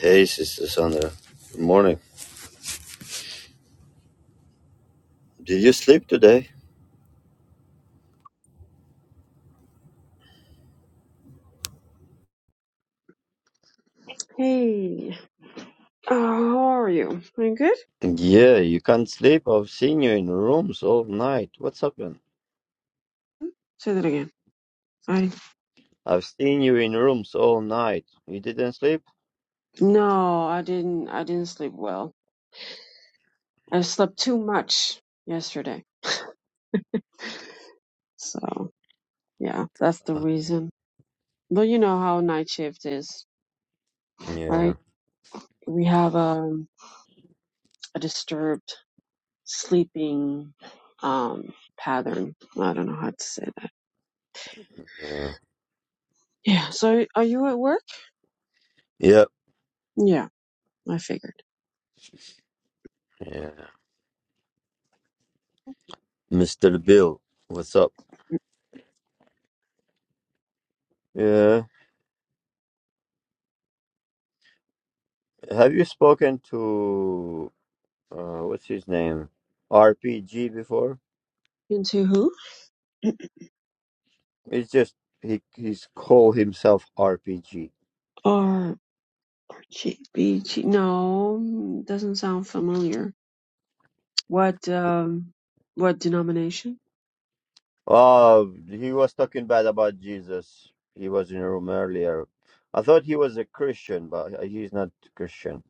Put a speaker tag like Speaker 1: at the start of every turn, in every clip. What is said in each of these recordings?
Speaker 1: Hey, Sister Sandra. Good morning. Did you sleep today?
Speaker 2: Hey, uh, how are you? Doing good?
Speaker 1: Yeah, you can't sleep. I've seen you in rooms all night. What's happened?
Speaker 2: Say that again. I
Speaker 1: I've seen you in rooms all night. You didn't sleep?
Speaker 2: no, I didn't. I didn't sleep well. I slept too much yesterday, so yeah, that's the
Speaker 1: Uh,
Speaker 2: reason. But you know how night shift is,
Speaker 1: Yeah,
Speaker 2: right? We have um, a disturbed sleeping um pattern. I don't know how to say that.
Speaker 1: yeah,
Speaker 2: Yeah. So, are you at work?
Speaker 1: yep,
Speaker 2: Yeah, I figured.
Speaker 1: yeah. Mr. Bill, what's up? Yeah. Have you spoken to uh, what's his name? RPG before?
Speaker 2: Into who?
Speaker 1: It's just he he's called himself RPG.
Speaker 2: Or G B G? No, doesn't sound familiar. What um what denomination?
Speaker 1: Uh, he was talking bad about Jesus. He was in a room earlier. I thought he was a Christian, but he's not Christian.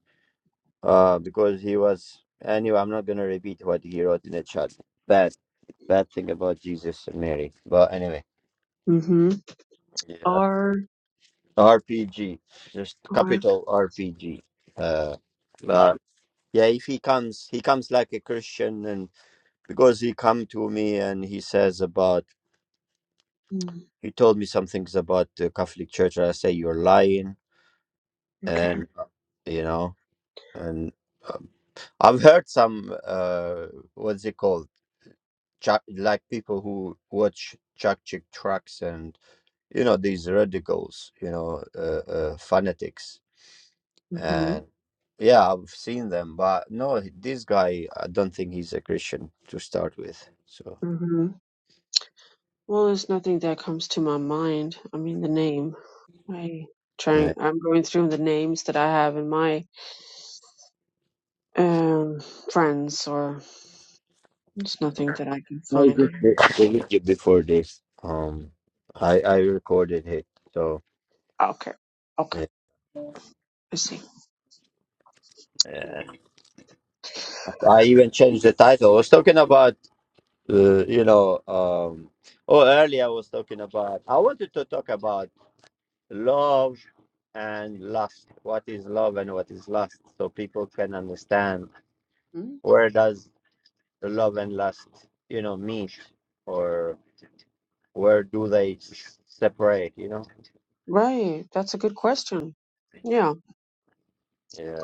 Speaker 1: Uh, because he was. Anyway, I'm not gonna repeat what he wrote in the chat. Bad, bad thing about Jesus and Mary. But anyway,
Speaker 2: Mm-hmm.
Speaker 1: yeah.
Speaker 2: R
Speaker 1: RPG, just
Speaker 2: R
Speaker 1: capital RPG. Uh, but yeah, if he comes, he comes like a Christian, and because he come to me and he says about
Speaker 2: mm,
Speaker 1: he told me some things about the Catholic Church. and I say you're lying
Speaker 2: okay.
Speaker 1: and uh, you know and um, i've heard some uh what's it called Chuck, like people who watch Chuck Chick tracks and you know these radicals you know uh, uh fanatics
Speaker 2: Mm-hmm.
Speaker 1: and yeah i've seen them but no this guy i don't think he's a christian to start with so
Speaker 2: Mm-hmm. Well, there's nothing that comes to my mind. I mean, the name. I
Speaker 1: yeah
Speaker 2: trying. I'm going through the names that I have in my um friends, or there's nothing that I can
Speaker 1: I did
Speaker 2: find
Speaker 1: the
Speaker 2: here.
Speaker 1: the video before this um i i recorded it so
Speaker 2: Okay. Okay.
Speaker 1: yeah.
Speaker 2: I see.
Speaker 1: Yeah.
Speaker 2: Yeah.
Speaker 1: I even changed the title. I was talking about uh, you know, um, oh, earlier I was talking about, I wanted to talk about love and lust. What is love and what is lust? So people can understand
Speaker 2: Mm,
Speaker 1: where does the love and lust, you know, meet or where do they s- separate, you know?
Speaker 2: Right. That's a good question. Yeah.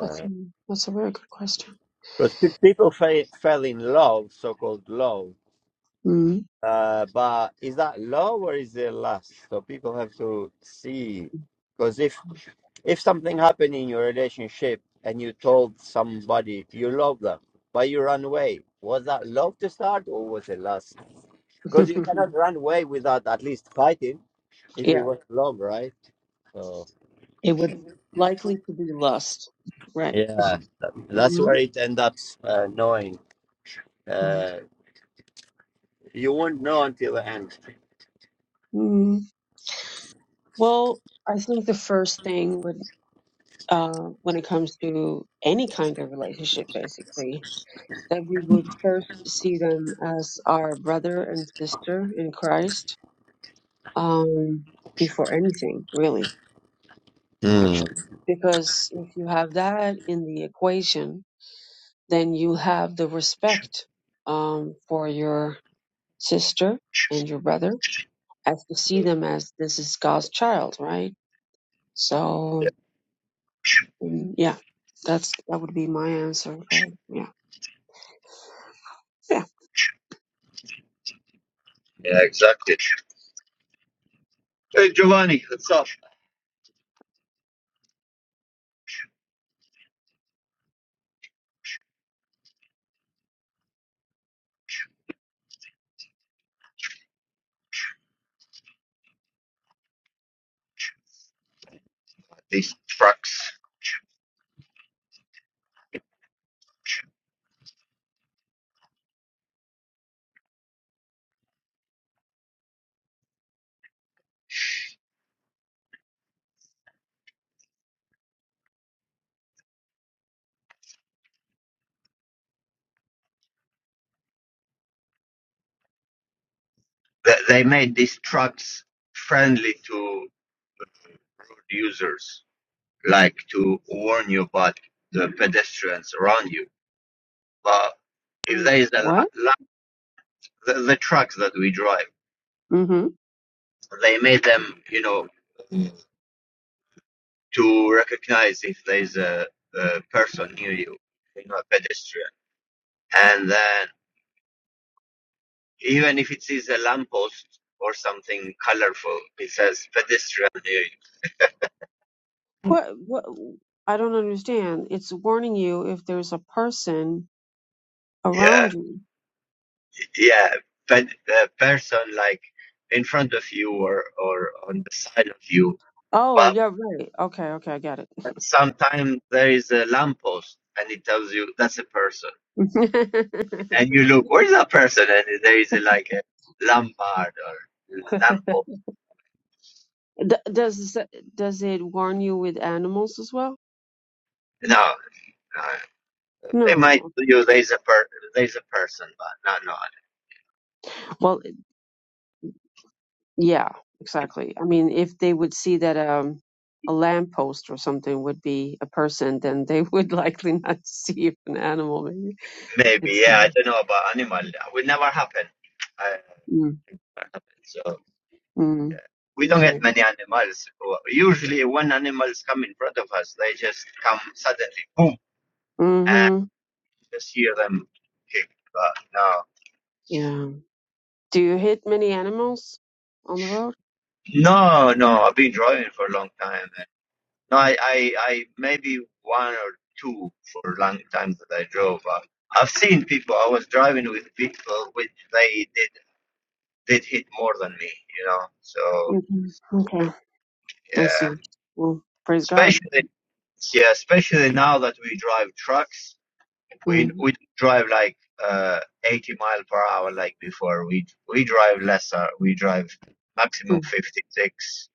Speaker 2: That's that's a very good question.
Speaker 1: Because people fa- fell in love, so called love.
Speaker 2: Mm.
Speaker 1: Uh, but is that love or is it lust? So people have to see, because if If something happened in your relationship and you told somebody you love them, but you run away, was that love to start or was it lust? Because you cannot run away without at least fighting if it was love, right? So,
Speaker 2: It would likely to be lust, right?
Speaker 1: yeah, that- that's
Speaker 2: hmm
Speaker 1: where it ends up uh, knowing. Uh, you won't know until the end.
Speaker 2: Mm, well, I think the first thing would, uh, when it comes to any kind of relationship, basically, that we would first see them as our brother and sister in Christ, um, before anything, really,
Speaker 1: Mm.
Speaker 2: actually. Because if you have that in the equation, then you have the respect, um, for your sister and your brother I see them as this is God's child, right? So mm, yeah, that's that would be my answer. But yeah, yeah.
Speaker 1: Hey, Giovanni, what's up? This, they they made these trucks friendly to road users. like to warn you about the pedestrians around you. But
Speaker 2: Warn
Speaker 1: if
Speaker 2: you-
Speaker 1: there is a la-
Speaker 2: What?
Speaker 1: la- the, the trucks that we drive,
Speaker 2: hmm
Speaker 1: they made them, you know, to recognize if there is a, a person near you, you know, a pedestrian. And then even if it is a lamppost or something colorful, it says pedestrian near you.
Speaker 2: What? What? I don't understand. It's warning you if there's a person
Speaker 1: Yeah,
Speaker 2: around you.
Speaker 1: yeah, ped, a person like in front of you or, or on the side of you. But
Speaker 2: Oh, yeah, right. Okay, okay, I got it.
Speaker 1: But Sometimes there is a lamppost and it tells you that's a person. And you look, where's that person? And there is a, like a lampard or lamppost.
Speaker 2: D- does does it warn you with animals as well?
Speaker 1: No, no, it might
Speaker 2: No.
Speaker 1: tell you there's a per there's a person, but not not
Speaker 2: Well. Yeah, exactly. I mean, if they would see that um, a lamppost or something would be a person, then they would likely not see if an animal. Maybe
Speaker 1: maybe.
Speaker 2: it's
Speaker 1: Yeah, I don't know about animal. That will never happen. Uh,
Speaker 2: mm,
Speaker 1: so
Speaker 2: mm,
Speaker 1: we don't get
Speaker 2: okay.
Speaker 1: many animals. Usually, when animals come in front of us, they just come suddenly, boom, and
Speaker 2: Mm-hmm.
Speaker 1: just hear them kick. But no.
Speaker 2: Yeah. Do you hit many animals on the road?
Speaker 1: No, no, I've been driving for a long time. And no, I, I, I maybe one or two for a long time that I drove. Uh, I've seen people. I was driving with people which they did did hit more than me. You know, so
Speaker 2: Mhm. Okay. I
Speaker 1: yeah,
Speaker 2: see. Well, praise God.
Speaker 1: especially yeah, especially now that we drive trucks, we
Speaker 2: mm
Speaker 1: we don't drive like uh 80 mile per hour like before. We we drive lesser. We drive maximum
Speaker 2: mm,
Speaker 1: 56,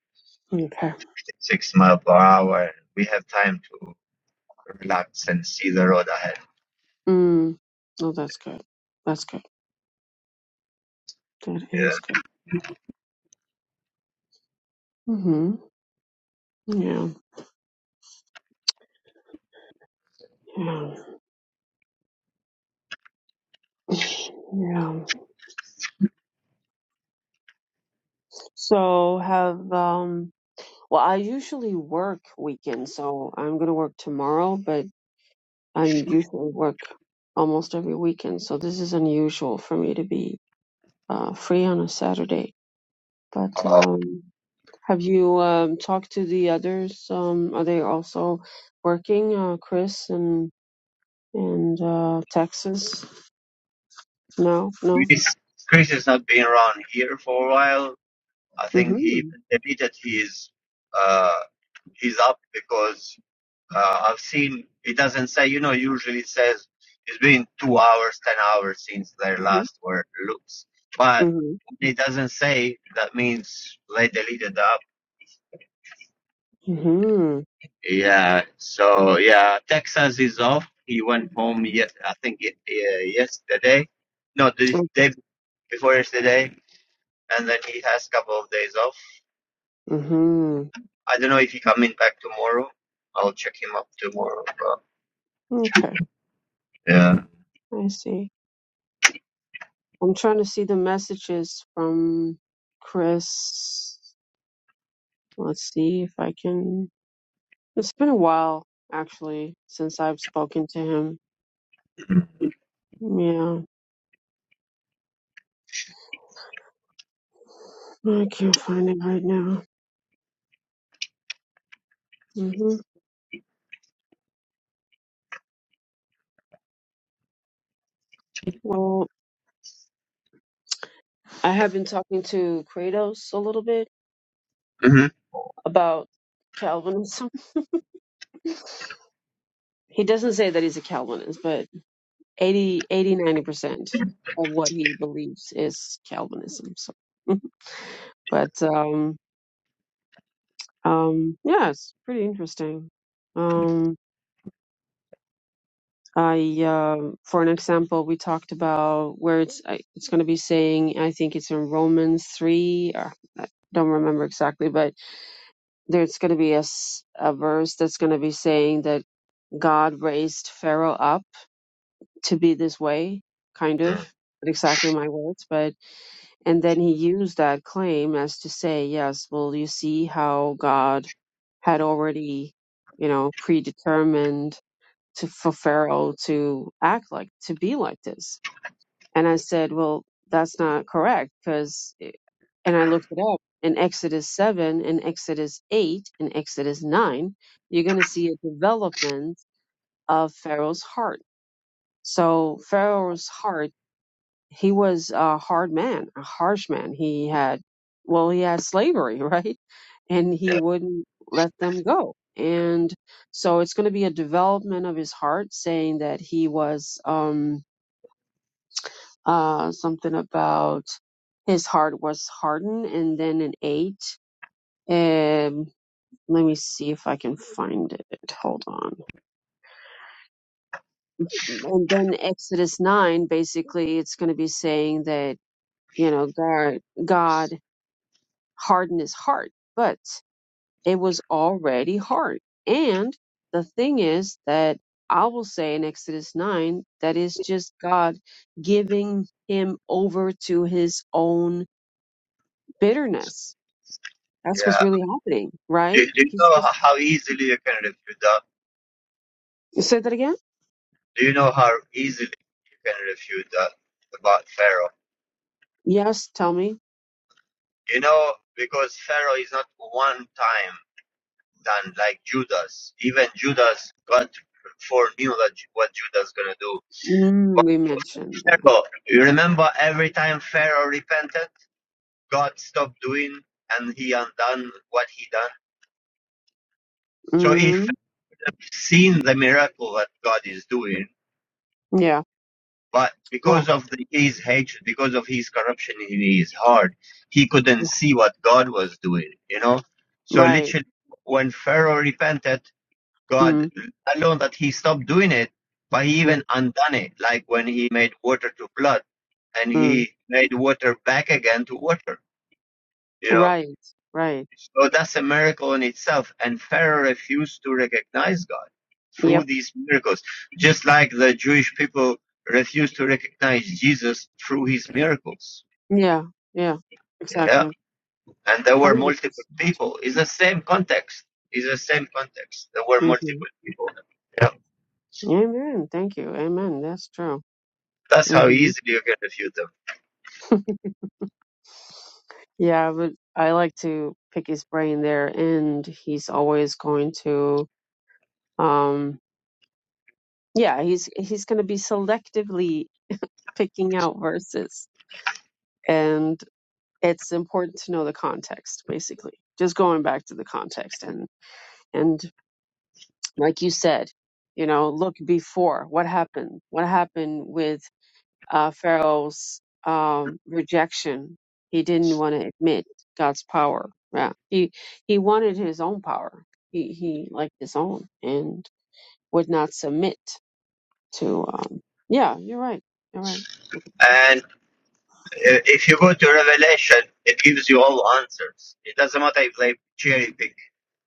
Speaker 2: Okay.
Speaker 1: 56 mile per hour. We have time to. reluctant to see the road ahead.
Speaker 2: Mm. Oh, that's good. That's good. That is
Speaker 1: Yeah.
Speaker 2: good. Mm-hmm. Yeah. Yeah. Yeah. So have um well I usually work weekends, so I'm gonna work tomorrow, but I usually work almost every weekend, so this is unusual for me to be uh free on a Saturday. But
Speaker 1: Uh,
Speaker 2: um have you um talked to the others? Um are they also working, uh Chris and and uh Texas? No, no.
Speaker 1: Chris, Chris has not been around here for a while. I think he
Speaker 2: Mhm.
Speaker 1: admitted he is uh, he's up because uh, I've seen it doesn't say you know usually it says it's been two hours, ten hours since their
Speaker 2: Mhm.
Speaker 1: last word looks, but
Speaker 2: Mhm.
Speaker 1: it doesn't say that means they deleted up.
Speaker 2: Mhm.
Speaker 1: Yeah. So yeah, Texas is off. He went home Yes, I think it, uh, yesterday no, the, day before yesterday, and then he has a couple of days off.
Speaker 2: Mhm.
Speaker 1: I don't know if he coming back tomorrow. I'll check him up tomorrow. But
Speaker 2: Okay. I see. I'm trying to see the messages from Chris. Let's see if I can. It's been a while, actually, since I've spoken to him. Yeah, I can't find it right now. hmm Well, I have been talking to Kratos a little bit
Speaker 1: hmm
Speaker 2: about Calvinism. he doesn't say that he's a Calvinist, but eighty, eighty, ninety percent of what he believes is Calvinism. So. but um, Um, yeah, it's pretty interesting. Um, I, um, for an example, we talked about where it's I, it's going to be saying. I think it's in Romans three. Or, I don't remember exactly, but there's going to be a, s- a verse that's going to be saying that God raised Pharaoh up to be this way, kind of. Not Exactly my words, but and then he used that claim as to say, yes, well, you see how God had already, you know, predetermined to for Pharaoh to act like to be like this. And I said, well, that's not correct because, and I looked it up in Exodus seven, in Exodus eight, in Exodus nine, you're going to see a development of Pharaoh's heart. So Pharaoh's heart he was a hard man, a harsh man. He had, well, he had slavery, right? And he wouldn't let them go. And so it's going to be a development of his heart, saying that he was um, uh, something about his heart was hardened, and then an eight. Um, let me see if I can find it. Hold on. And then Exodus 9, basically, it's going to be saying that, you know, God, God harden his heart. But it was already hard. And the thing is that I will say in Exodus 9 that is just God giving him over to his own bitterness. That's what's
Speaker 1: yeah,
Speaker 2: really happening,
Speaker 1: do,
Speaker 2: right?
Speaker 1: do you know
Speaker 2: He's just
Speaker 1: how easily you can refute that?
Speaker 2: you said that again?
Speaker 1: Do you know how easily you can refute that about Pharaoh?
Speaker 2: Yes, tell me.
Speaker 1: You know, because Pharaoh is not one time done like Judas. Even Judas, God foreknew that what Judas gonna do.
Speaker 2: Mm,
Speaker 1: But
Speaker 2: we mentioned that.
Speaker 1: Pharaoh, you remember every time Pharaoh repented God stopped doing and he undone what he done. So he
Speaker 2: Mm,
Speaker 1: felt- seen the miracle that God is doing,
Speaker 2: yeah.
Speaker 1: but because
Speaker 2: Oh,
Speaker 1: of the, his hatred, because of his corruption in his heart, he couldn't
Speaker 2: yeah.
Speaker 1: see what God was doing, you know? So
Speaker 2: right.
Speaker 1: literally, when Pharaoh repented, God,
Speaker 2: Mm,
Speaker 1: not alone that he stopped doing it, but he
Speaker 2: mm,
Speaker 1: even undone it, like when he made water to blood and
Speaker 2: mm.
Speaker 1: he made water back again to water, you know?
Speaker 2: Right. Right.
Speaker 1: So that's a miracle in itself. And Pharaoh refused to recognize God through
Speaker 2: Yep.
Speaker 1: these miracles, just like the Jewish people refused to recognize Jesus through his miracles.
Speaker 2: Yeah. Yeah.
Speaker 1: Yeah.
Speaker 2: Exactly.
Speaker 1: And there were
Speaker 2: 100%.
Speaker 1: multiple people. It's the same context. It's the same context. There were
Speaker 2: hmm
Speaker 1: multiple people. Yeah.
Speaker 2: Amen. Thank you. Amen. That's true.
Speaker 1: That's how
Speaker 2: hmm
Speaker 1: easily you can refute them.
Speaker 2: Yeah, I would. I like to pick his brain there, and he's always going to. Um, yeah, he's he's going to be selectively picking out verses, and it's important to know the context. Basically, just going back to the context, and and like you said, you know, look before what happened. What happened with uh, Pharaoh's um, rejection. He didn't want to admit God's power. Yeah, he he wanted his own power. He he liked his own and would not submit to. Um, yeah, you're right. You're right.
Speaker 1: And uh, if you go to Revelation, it gives you all answers. It doesn't matter if they cherry pick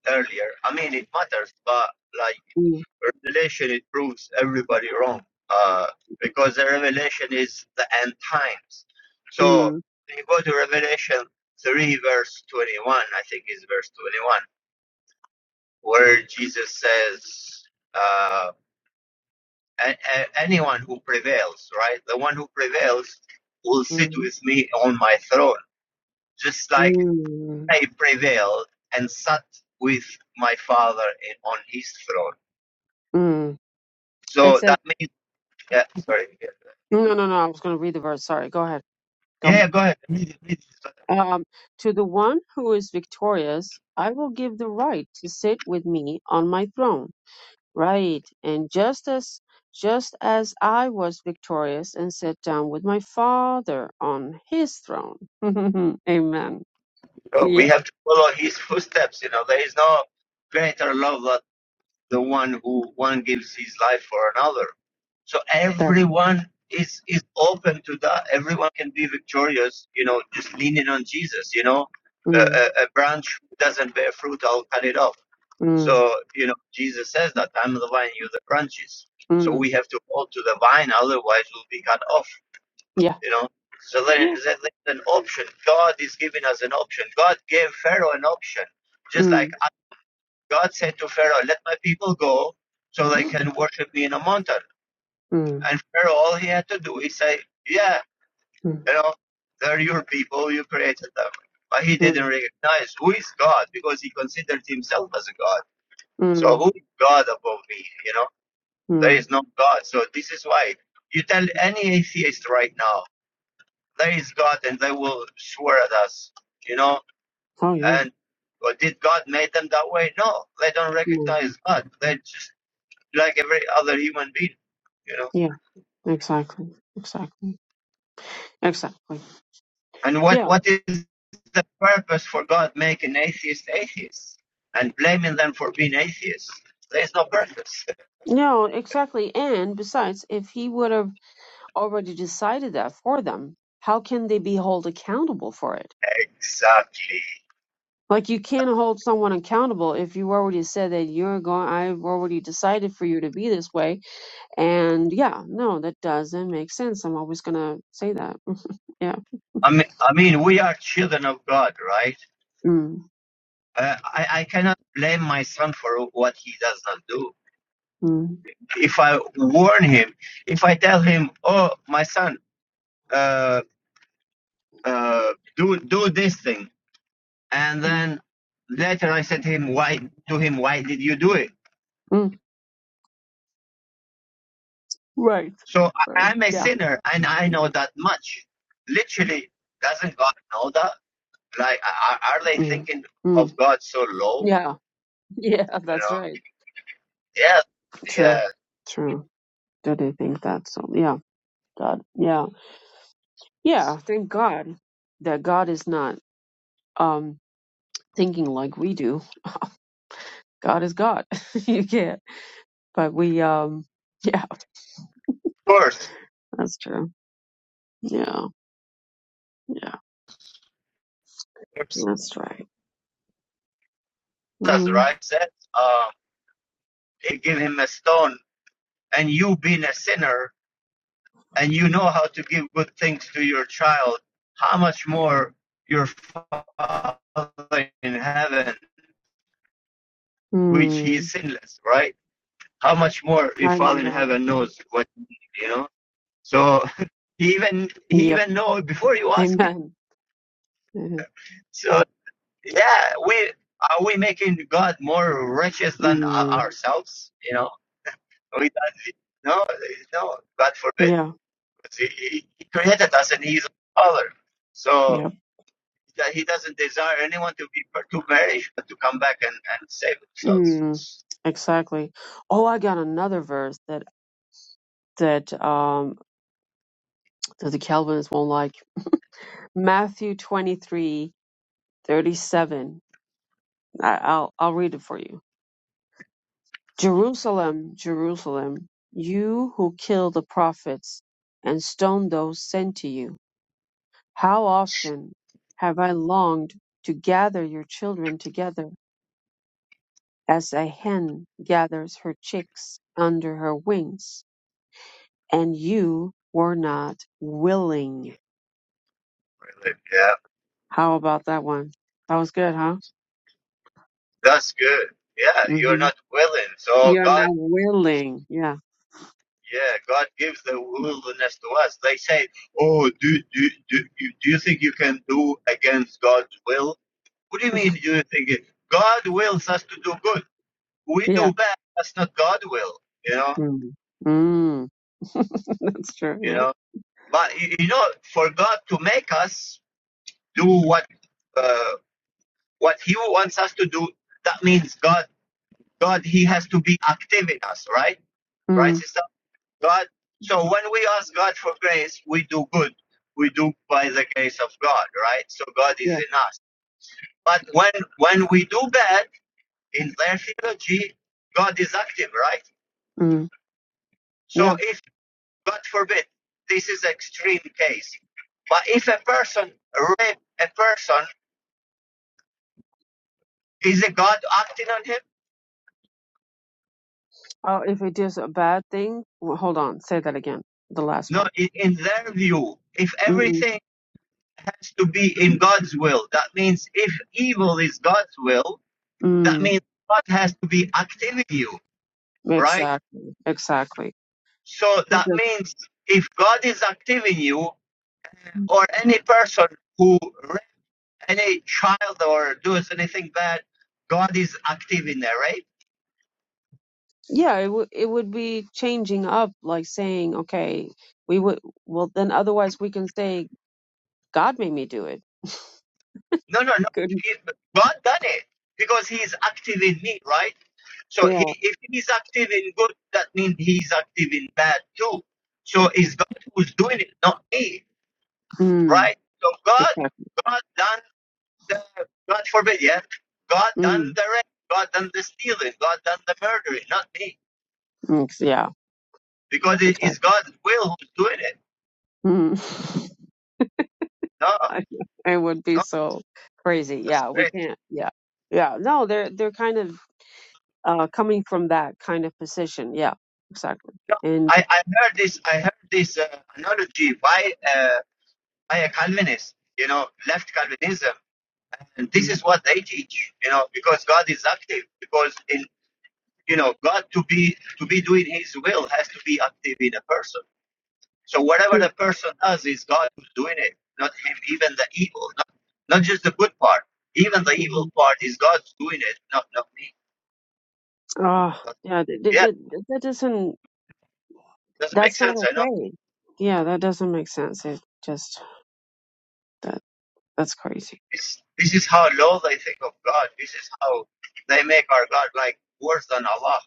Speaker 1: earlier. I mean, it matters, but like
Speaker 2: Mm,
Speaker 1: revelation it proves everybody wrong uh, because the revelation is the end times so
Speaker 2: mm,
Speaker 1: when you go to revelation 3 verse 21 i think is verse 21 where jesus says uh, a- a- anyone who prevails right the one who prevails will sit
Speaker 2: mm,
Speaker 1: with me on my throne just like
Speaker 2: mm,
Speaker 1: i prevailed and sat with my father in, on his throne
Speaker 2: mm. It
Speaker 1: so
Speaker 2: says
Speaker 1: that means yeah, sorry yeah.
Speaker 2: no, no, no. no, I was going to read the verse. Sorry. Go ahead. Go.
Speaker 1: Yeah, go ahead. Please, please.
Speaker 2: Um, to the one who is victorious, I will give the right to sit with me on my throne Right. And just as just as I was victorious and sat down with my father on his throne. Amen.
Speaker 1: Oh, We
Speaker 2: Yeah.
Speaker 1: have to follow his footsteps. You know, there is no greater love than the one who one gives his life for another. So
Speaker 2: That.
Speaker 1: everyone is is open to that. Everyone can be victorious. You know, just leaning on Jesus. You know, a,
Speaker 2: Mm,
Speaker 1: a, a branch doesn't bear fruit, I'll cut it off.
Speaker 2: mm,
Speaker 1: So you know, Jesus says that I'm the vine, you the branches. So
Speaker 2: mm.
Speaker 1: we have to hold to the vine, otherwise we'll be cut off
Speaker 2: Yeah.
Speaker 1: You know, so there,
Speaker 2: Yeah.
Speaker 1: there's an option. God is giving us an option. God gave Pharaoh an option. Just like
Speaker 2: Mm,
Speaker 1: God said to Pharaoh, let my people go so they can worship me in a mountain.
Speaker 2: mm,
Speaker 1: And Pharaoh, all he had to do is say, yeah,
Speaker 2: mm,
Speaker 1: you know, they're your people, you created them. But he didn't
Speaker 2: mm,
Speaker 1: recognize who is God because he considered himself as a God. So
Speaker 2: mm,
Speaker 1: who is God above me? You know, there
Speaker 2: mm.
Speaker 1: is no God. So this is why you tell any atheist right now, there is God and they will swear at us, you know?
Speaker 2: Oh yeah.
Speaker 1: And well, did God make them that way? No, they don't
Speaker 2: Mm.
Speaker 1: recognize God. They're just like every other human being, you know?
Speaker 2: Yeah. Exactly. Exactly. Exactly.
Speaker 1: And what,
Speaker 2: Yeah.
Speaker 1: what is the purpose for God making atheists atheists and blaming them for being atheists? There is no purpose.
Speaker 2: No, exactly. And besides, if he would have already decided that for them, how can they be held accountable for it?
Speaker 1: Exactly.
Speaker 2: Like you can't hold someone accountable if you already said that you're going. I've already decided for you to be this way, and yeah, no, that doesn't make sense. I'm always gonna say that. Mm, Yeah.
Speaker 1: I mean, I mean, we are children of God, right?
Speaker 2: Mm,
Speaker 1: Uh, I, I cannot blame my son for what he does not do
Speaker 2: mm,
Speaker 1: if I warn him, if I tell him, "Oh, my son, uh, uh, do do this thing," and
Speaker 2: mm,
Speaker 1: then later I said to him, "Why to him? Why did you do it?"
Speaker 2: mm. Right.
Speaker 1: So I,
Speaker 2: Sorry.
Speaker 1: I'm a
Speaker 2: Yeah.
Speaker 1: sinner, and I know that much. Literally, doesn't God know that? Like, are, are they
Speaker 2: Mm,
Speaker 1: thinking of
Speaker 2: mm.
Speaker 1: God so low?
Speaker 2: Yeah. Yeah.
Speaker 1: You
Speaker 2: That's
Speaker 1: know?
Speaker 2: right.
Speaker 1: Yeah,
Speaker 2: True.
Speaker 1: yeah. Of
Speaker 2: True. Do they think that? So yeah. God. Yeah. Yeah. Thank God that God is not um thinking like we do. God is God. you can't. But we, um, yeah,
Speaker 1: course,
Speaker 2: that's true. Yeah, yeah,
Speaker 1: that's
Speaker 2: that's right. Mm.
Speaker 1: right. Said, um, they give him a stone, and you being a sinner. and you know how to give good things to your child, how much more your Father in heaven, which he is
Speaker 2: Mm.
Speaker 1: sinless, right? How much more your
Speaker 2: I
Speaker 1: Father in
Speaker 2: love
Speaker 1: heaven
Speaker 2: that.
Speaker 1: knows what you need, you know? So he even he
Speaker 2: Yep.
Speaker 1: even knows before you ask him.
Speaker 2: Amen. Mhm.
Speaker 1: So yeah, we are we making God more righteous than
Speaker 2: Mm.
Speaker 1: ourselves? You know, we don't- no no God forbid.
Speaker 2: Yeah.
Speaker 1: He, he created us and He's our Father. So
Speaker 2: Yep.
Speaker 1: that he doesn't desire anyone to be to perish, but to come back and, and save
Speaker 2: Mm.
Speaker 1: themselves.
Speaker 2: Exactly. Oh, I got another verse that that um that the Calvinists won't like. Matthew twenty three thirty seven. I, I'll I'll read it for you. Jerusalem, Jerusalem, you who kill the prophets and stone those sent to you, how often have I longed to gather your children together as a hen gathers her chicks under her wings, and you were not willing.
Speaker 1: Yeah,
Speaker 2: How about that one? That was good, huh?
Speaker 1: that's good. Yeah, you're
Speaker 2: hmm
Speaker 1: not willing. So
Speaker 2: You're
Speaker 1: God,
Speaker 2: not willing. Yeah.
Speaker 1: yeah, God gives the willingness to us. They say, "Oh, do do do you do you think you can do against God's will?" What do you mean? Do You think it- God wills us to do good? We
Speaker 2: Yeah.
Speaker 1: do bad. That's not God will. You know.
Speaker 2: Mm. Mm. That's true.
Speaker 1: You
Speaker 2: Yeah.
Speaker 1: know. But you you know, for God to make us do what. uh, what he wants us to do that means god god he has to be active in us right right
Speaker 2: Mm.
Speaker 1: sister god so when we ask god for grace we do good we do by the grace of god right so god is
Speaker 2: Yeah.
Speaker 1: in us but when when we do bad in their theology god is active right so
Speaker 2: Yeah.
Speaker 1: if god forbid this is extreme case but if a person rape a person is a god acting on him
Speaker 2: Oh, if it is a bad thing, well, hold on, say that again. The last
Speaker 1: no
Speaker 2: part.
Speaker 1: in, in their view if
Speaker 2: Mm,
Speaker 1: everything to be in God's will. That means if evil is God's will, that
Speaker 2: mm,
Speaker 1: means God has to be active in you, right?
Speaker 2: exactly. Exactly.
Speaker 1: So
Speaker 2: It
Speaker 1: that
Speaker 2: does.
Speaker 1: means if God is active in you, or any person who, any child or does anything bad, God is active in there, right?
Speaker 2: Yeah, it would it would be changing up, like saying, okay, we would well then otherwise we can say God made me do it.
Speaker 1: No, no, no.
Speaker 2: Good.
Speaker 1: God done it because He is active in me, right? So he,
Speaker 2: Yeah.
Speaker 1: if He's active in good, that means He's active in bad too. So it's God who's doing it, not me.
Speaker 2: Mm,
Speaker 1: right? So God,
Speaker 2: exactly.
Speaker 1: God done the, God forbid, yeah? God done
Speaker 2: Mm,
Speaker 1: the rape, God done the stealing, God done the murdering, not me.
Speaker 2: ex- yeah.
Speaker 1: Because it is
Speaker 2: Exactly.
Speaker 1: God's will who's doing it.
Speaker 2: Mm.
Speaker 1: No,
Speaker 2: I- it would be
Speaker 1: no.
Speaker 2: so crazy. Yeah, we can't. Yeah. Yeah. No, they're they're kind of uh, coming from that kind of position. Yeah, exactly. And
Speaker 1: I, I heard this, I heard this uh, analogy by, uh, by a Calvinist, you know, left Calvinism. And this
Speaker 2: mm,
Speaker 1: is what they teach, you know, because God is active. Because, in, you know, God to be, to be doing his will has to be active in a person So whatever the
Speaker 2: yeah,
Speaker 1: person does is God who's doing it, not him. Even the evil, not, not just the good part, even the
Speaker 2: hmm
Speaker 1: evil part is God doing it, not not me.
Speaker 2: oh,
Speaker 1: But
Speaker 2: yeah, that, that,
Speaker 1: yeah,
Speaker 2: that that doesn't,
Speaker 1: doesn't make
Speaker 2: that's not
Speaker 1: sense. I know.
Speaker 2: okay. Yeah, that doesn't make sense. It just, that, that's crazy.
Speaker 1: It's, this is how low they think of God. This is how they make our God like worse than Allah.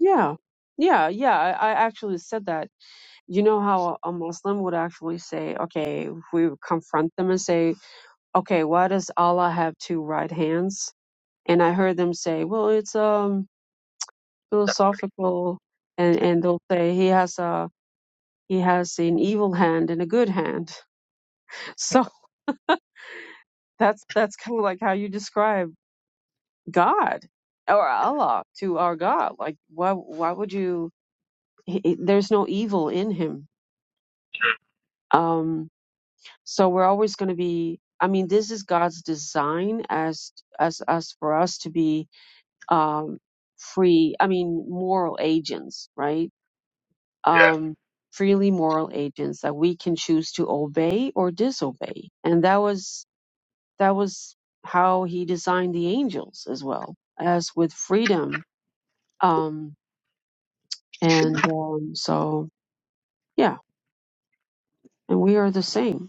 Speaker 2: Yeah. Yeah, yeah, I, I actually said that. You know how a Muslim would actually say, okay, if we would confront them and say, okay, why does Allah have two right hands? And I heard them say, well, it's um philosophical, and and they'll say he has a He has an evil hand and a good hand. So that's that's kind of like how you describe God or Allah to our God. Like why why would you? He, he- there's no evil in him. Um, so we're always going to be. I mean, this is God's design as as as for us to be um, free. I mean, moral agents, right?
Speaker 1: Yeah,
Speaker 2: Um, freely moral agents that we can choose to obey or disobey. And that was that was how he designed the angels as well as with freedom um and um so yeah and we are the same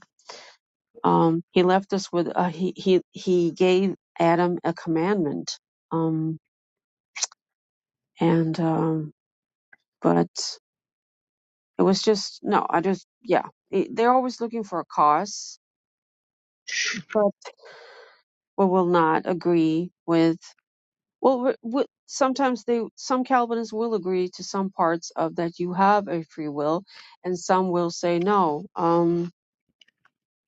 Speaker 2: um he left us with uh, he he he gave adam a commandment um and um but it was just no i just yeah it, they're always looking for a cause but we will not agree with Well, w- w- sometimes they, some Calvinists will agree to some parts of that you have a free will, and some will say no. Um,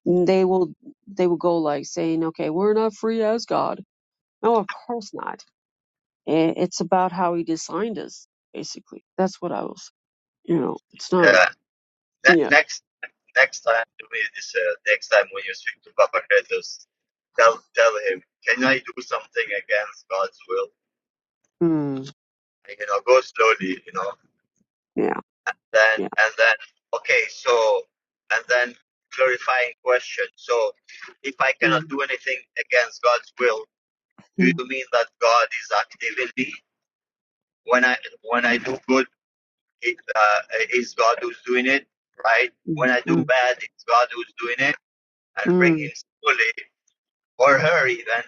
Speaker 2: they will, they will go like saying, okay, we're not free as God. No, of course not. I- It's about how He designed us, basically. That's what I was, you know, it's not,
Speaker 1: yeah. Ne-
Speaker 2: yeah,
Speaker 1: next next time, do me this. Uh, next time when you speak to Papa Kratos, tell tell him, can I do something against God's will?
Speaker 2: mm,
Speaker 1: You know, go slowly. You know,
Speaker 2: yeah,
Speaker 1: then
Speaker 2: yeah,
Speaker 1: and then okay so and then clarifying question so if i cannot
Speaker 2: mm,
Speaker 1: do anything against god's will do
Speaker 2: mm,
Speaker 1: you mean that god is active in me when i when i do good it uh, is god who's doing it right
Speaker 2: mm,
Speaker 1: when i do
Speaker 2: mm,
Speaker 1: bad it's god who's doing it and bring
Speaker 2: mm,
Speaker 1: him fully or her even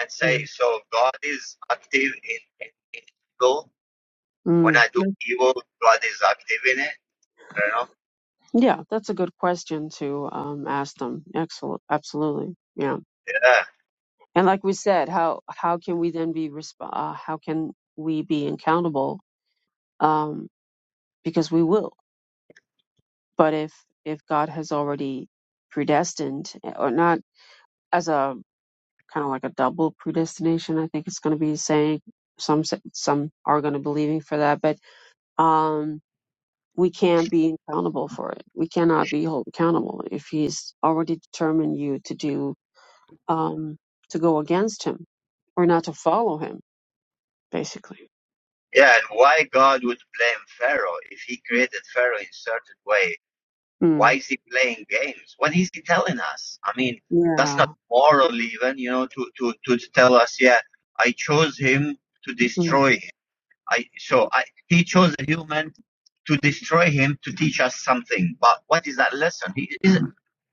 Speaker 1: and say
Speaker 2: mm.
Speaker 1: so god is active in, in, in evil when
Speaker 2: Mm.
Speaker 1: i do evil god is active in it you know
Speaker 2: Yeah, that's a good question to um, ask them. Excellent, absolutely. Yeah.
Speaker 1: yeah.
Speaker 2: And like we said, how how can we then be resp- uh, how can we be accountable? Um, because we will. But if if God has already predestined, eh, or not as a kind of like a double predestination, I think it's going to be saying some s- some are going to believing for that, but um, we can't be accountable for it. We cannot be held accountable if He's already determined you to do um, to go against Him or not to follow Him, basically.
Speaker 1: Yeah, and why God would blame Pharaoh if he created Pharaoh in certain way?
Speaker 2: Hmm.
Speaker 1: Why is he playing games? What is he telling us? I mean, that's
Speaker 2: Yeah.
Speaker 1: not moral even, you know, to, to, to tell us, yeah, I chose him to
Speaker 2: Mm,
Speaker 1: destroy him. I so I he chose a human to destroy him to teach us something. But what is that lesson? He, is,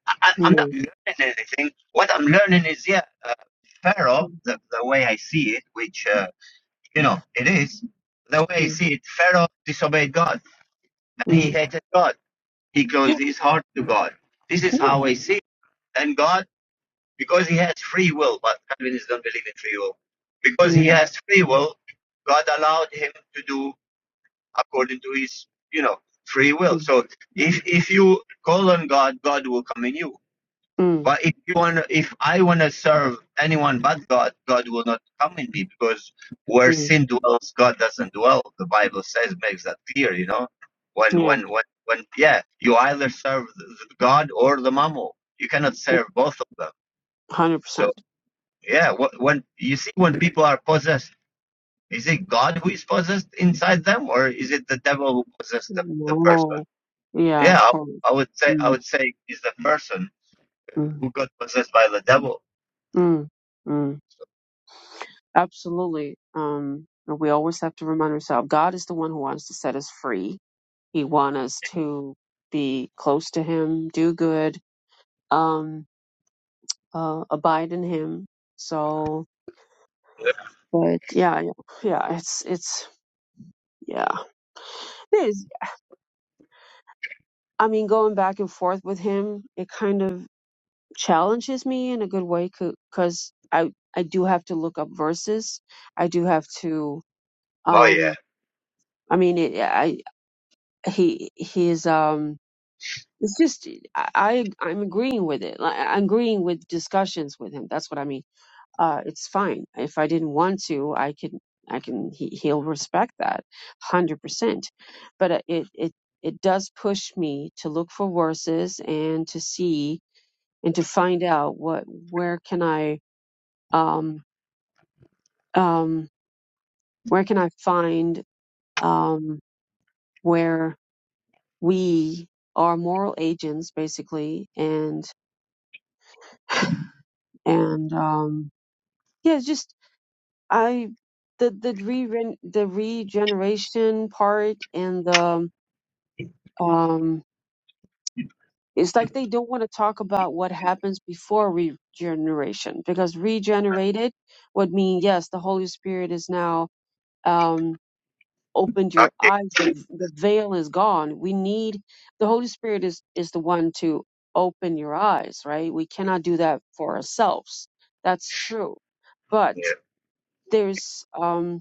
Speaker 1: I, I'm not
Speaker 2: mm,
Speaker 1: learning anything. What I'm learning is, yeah, uh, Pharaoh,
Speaker 2: mm,
Speaker 1: the, the way I see it, which uh, you know, it is. The way you
Speaker 2: mm,
Speaker 1: see it, Pharaoh disobeyed God and he
Speaker 2: mm.
Speaker 1: hated God. He closed his heart to God. This is
Speaker 2: Yeah.
Speaker 1: how I see it. And God, because he has free will, but Calvinists don't believe in free will. Because he
Speaker 2: Mm,
Speaker 1: has free will, God allowed him to do according to his, you know, free will.
Speaker 2: mm,
Speaker 1: So if if you call on God, God will come in you.
Speaker 2: mm,
Speaker 1: But if you want, if I want to serve anyone but God, God will not come in me because where
Speaker 2: mm.
Speaker 1: sin dwells, God doesn't dwell. The Bible says makes that clear. You know, when
Speaker 2: Yeah.
Speaker 1: when when when yeah, you either serve the God or the mammal. You cannot
Speaker 2: Like,
Speaker 1: serve both of them.
Speaker 2: Hundred
Speaker 1: So
Speaker 2: percent.
Speaker 1: yeah, wh- when you see when people are possessed, is it God who is possessed inside them, or is it the devil who possessed the, the person?
Speaker 2: Wow. Yeah,
Speaker 1: Yeah,
Speaker 2: of
Speaker 1: I,
Speaker 2: course.
Speaker 1: I would say I
Speaker 2: Mm,
Speaker 1: would say is the person
Speaker 2: mm,
Speaker 1: who got possessed by the devil.
Speaker 2: mm, mm. Absolutely. Um, and we always have to remind ourselves God is the one who wants to set us free. He wants us to be close to Him, do good, um, uh, abide in Him. So,
Speaker 1: Yeah.
Speaker 2: but yeah, yeah, yeah, it's, it's, yeah. I mean, going back and forth with him, it kind of challenges me in a good way because I I do have to look up verses. I do have to.
Speaker 1: Oh yeah.
Speaker 2: Um, I mean, it, I he he is. Um, it's just I I- I'm agreeing with it. Like, I'm agreeing with discussions with him. That's what I mean. Uh, it's fine if I didn't want to. I can I can he, he'll respect that, hundred percent. But uh, it it it does push me to look for verses and to see and to find out what where can I um, um, where can I find um, where we are moral agents basically and and um, yeah it's just I the the re the regeneration part and the um, it's like they don't want to talk about what happens before regeneration because regenerated would mean yes the Holy Spirit is now Um, opened your eyes the, the veil is gone we need the holy spirit is is the one to open your eyes right we cannot do that for ourselves that's true but
Speaker 1: Yeah.
Speaker 2: there's um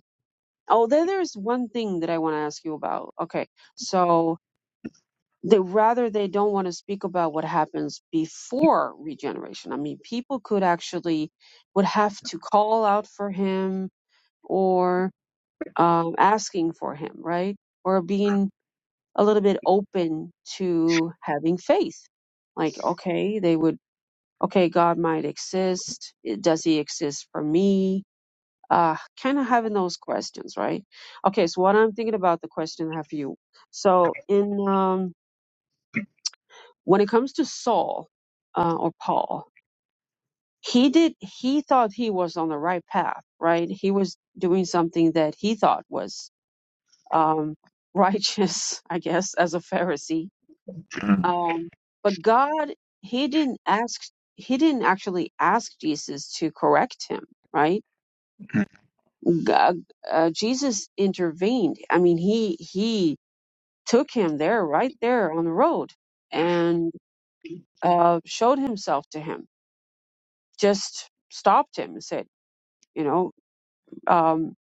Speaker 2: oh there, there's one thing that i want to ask you about okay so they rather they don't want to speak about what happens before regeneration i mean people could actually would have to call out for him or um, asking for him right or being a little bit open to having faith. Like, okay, they would, okay, God might exist. Does he exist for me? Uh, kind of having those questions, right? Okay, so what I'm thinking about the question I have for you. So in, um, when it comes to Saul, uh, or Paul, he did, he thought he was on the right path, right? He was doing something that he thought was, um, righteous, I guess, as a Pharisee
Speaker 1: Mm,
Speaker 2: Um, but God, he didn't ask, he didn't actually ask Jesus to correct him, right? God, uh, Jesus intervened. I mean, he he took him there, right there on the road, and uh, showed himself to him. Just stopped him and said, you know, um,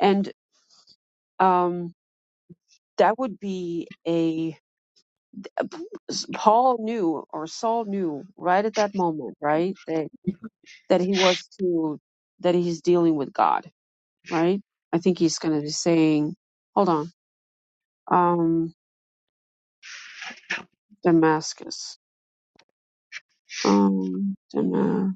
Speaker 2: and um, that would be a Paul knew or Saul knew right at that moment, right? that he was to that he's dealing with God, right? I think he's gonna be saying, hold on, um, Damascus, um, Dama-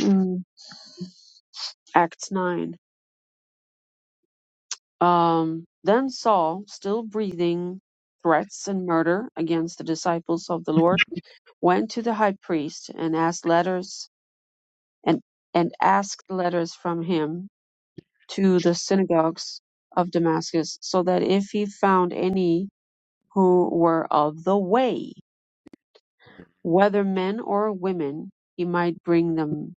Speaker 2: mm, Acts nine. Um, then Saul, still breathing threats and murder against the disciples of the Lord, went to the high priest and asked letters and and asked letters from him to the synagogues of Damascus, so that if he found any who were of the way, whether men or women, he might bring them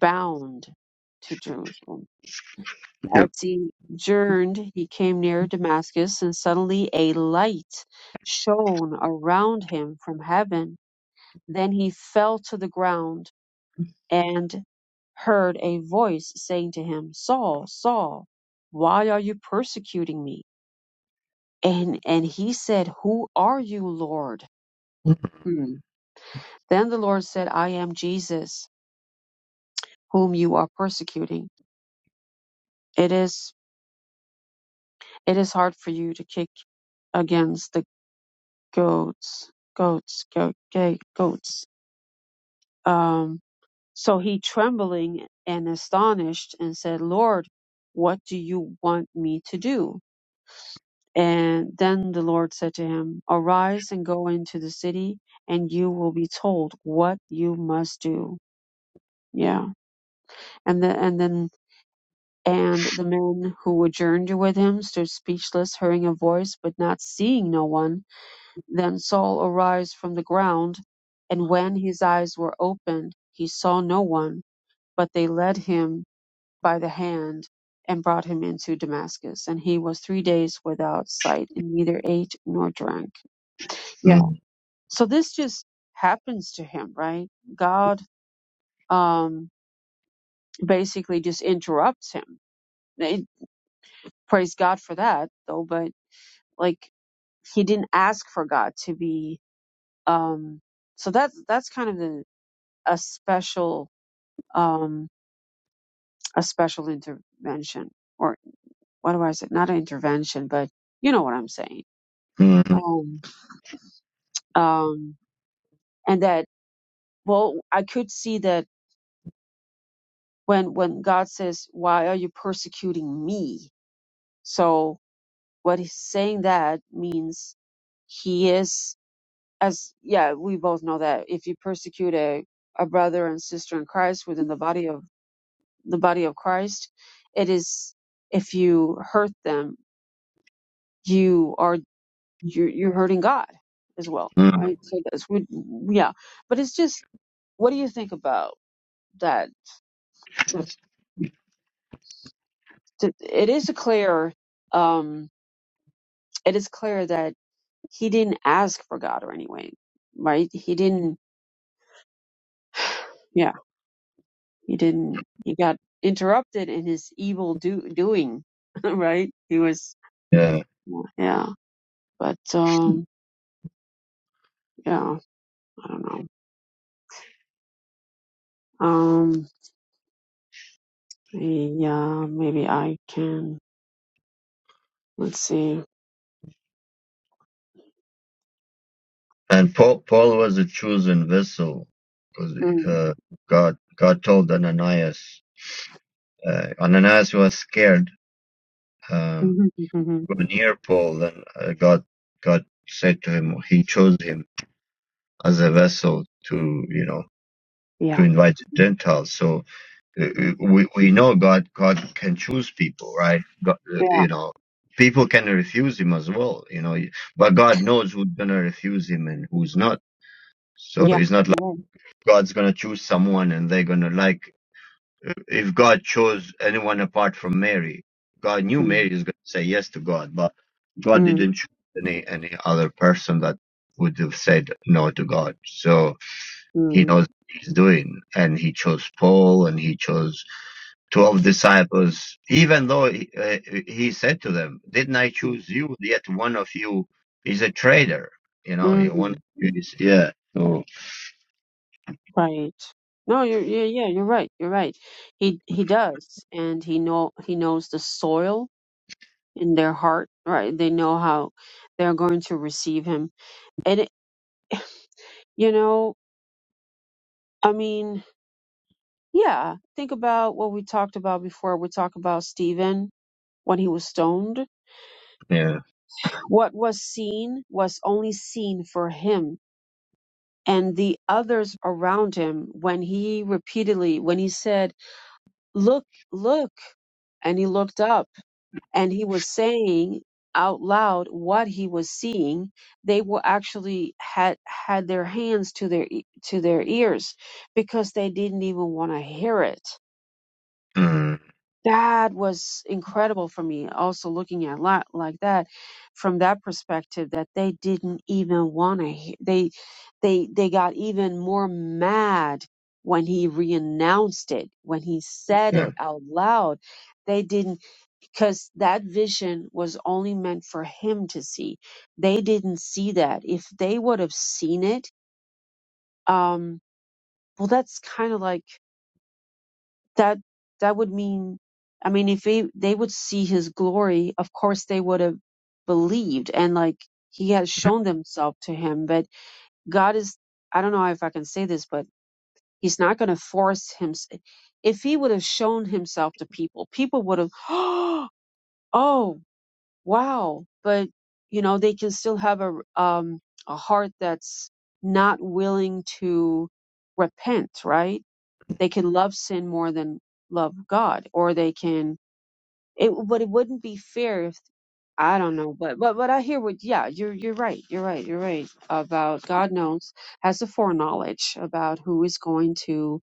Speaker 2: bound to Jerusalem.
Speaker 1: yeah.
Speaker 2: As he journeyed, he came near Damascus, and suddenly a light shone around him from heaven. Then he fell to the ground and heard a voice saying to him, Saul, Saul, why are you persecuting me? And, and he said, Who are you, Lord? Hmm. Then the Lord said, I am Jesus, whom you are persecuting. It is it is hard for you to kick against the goats, goats, goat, gay, goats. Um, so he trembling and astonished and said, Lord, what do you want me to do? And then the Lord said to him, Arise and go into the city, and you will be told what you must do. Yeah. And then and then And the men who journeyed with him stood speechless, hearing a voice, but not seeing no one. Then Saul arose from the ground, and when his eyes were opened, he saw no one, but they led him by the hand and brought him into Damascus. And he was three days without sight, and neither ate nor drank. Yeah.
Speaker 1: Mm,
Speaker 2: So this just happens to him, right? God um, basically just interrupts him. It, praise God for that, though, But Like he didn't ask for God to be um so that's that's kind of the, a special um a special intervention or what do I say not an intervention but you know what I'm saying
Speaker 1: mm,
Speaker 2: um um and that well I could see that when when God says why are you persecuting me so what he's saying that means he is as yeah, we both know that if you persecute a, a brother and sister in Christ within the body of the body of Christ, it is if you hurt them, you are you're, you're hurting God as well,
Speaker 1: mm,
Speaker 2: right? So that's we yeah, but it's just what do you think about that? It is a clear um, it is clear that he didn't ask for God or anyway, right? He didn't. yeah, He didn't. He got interrupted in his evil do- doing, right? He was,
Speaker 1: yeah.
Speaker 2: yeah. yeah, But um, yeah, I don't know. Um, yeah, maybe I can. Let's see.
Speaker 1: And Paul, Paul was a chosen vessel. 'Cause,
Speaker 2: Mm.
Speaker 1: Uh, God, God told Ananias. Uh, Ananias was scared. Um,
Speaker 2: mhm, mhm,
Speaker 1: go near Paul. Then uh, God, God said to him, He chose him as a vessel to, you know, to
Speaker 2: yeah.
Speaker 1: invite the Gentiles. So uh, uh,
Speaker 2: Mm.
Speaker 1: we we know God God can choose people, right? God, uh,
Speaker 2: Yeah.
Speaker 1: you know, people can refuse Him as well, you know. But God knows who's gonna refuse Him and who's not. So
Speaker 2: Yeah.
Speaker 1: it's not like
Speaker 2: Mm.
Speaker 1: God's gonna choose someone and they're gonna like. uh, If God chose anyone apart from Mary, God knew Mary is gonna say yes to God, but God
Speaker 2: Mm.
Speaker 1: didn't choose any any other person that would have said no to God. So he
Speaker 2: Mm.
Speaker 1: knows what he's doing. And he chose Paul and he chose 12 disciples, even though he, uh, he said to them, Didn't I
Speaker 2: Mm.
Speaker 1: choose you? Yet one of you is a traitor. You know, one of
Speaker 2: Mm.
Speaker 1: you is, yeah. So,
Speaker 2: Right. No, you're yeah, yeah, you're right. You're right. He he does, and he know he knows the soil in their heart, right? They know how they're going to receive him. And, it, you know, I mean, yeah, think about what we talked about before. We talked about Stephen when he was stoned.
Speaker 1: yeah.
Speaker 2: What was seen was only seen for him and the others around him when he repeatedly, when he said, Look, look, and he looked up and he was saying out loud what he was seeing they were actually had had their hands to their e- to their ears because they didn't even want to hear it
Speaker 1: Mm,
Speaker 2: that was incredible for me also looking at lot like that from that perspective that they didn't even want to hear they they they got even more mad when he reannounced it when he said
Speaker 1: yeah.
Speaker 2: it out loud they didn't because that vision was only meant for him to see. They didn't see that. If they would have seen it, um, well, that's kind of like that. That would mean, I mean, if they they would see his glory, of course they would have believed, and like he has shown himself to him. But God is, I don't know if I can say this, but he's not going to force him. If he would have shown himself to people, people would have, oh wow but you know they can still have a um a heart that's not willing to repent right they can love sin more than love god or they can it but it wouldn't be fair if i don't know but but but i hear what yeah you're you're right you're right you're right about god knows has the foreknowledge about who is going to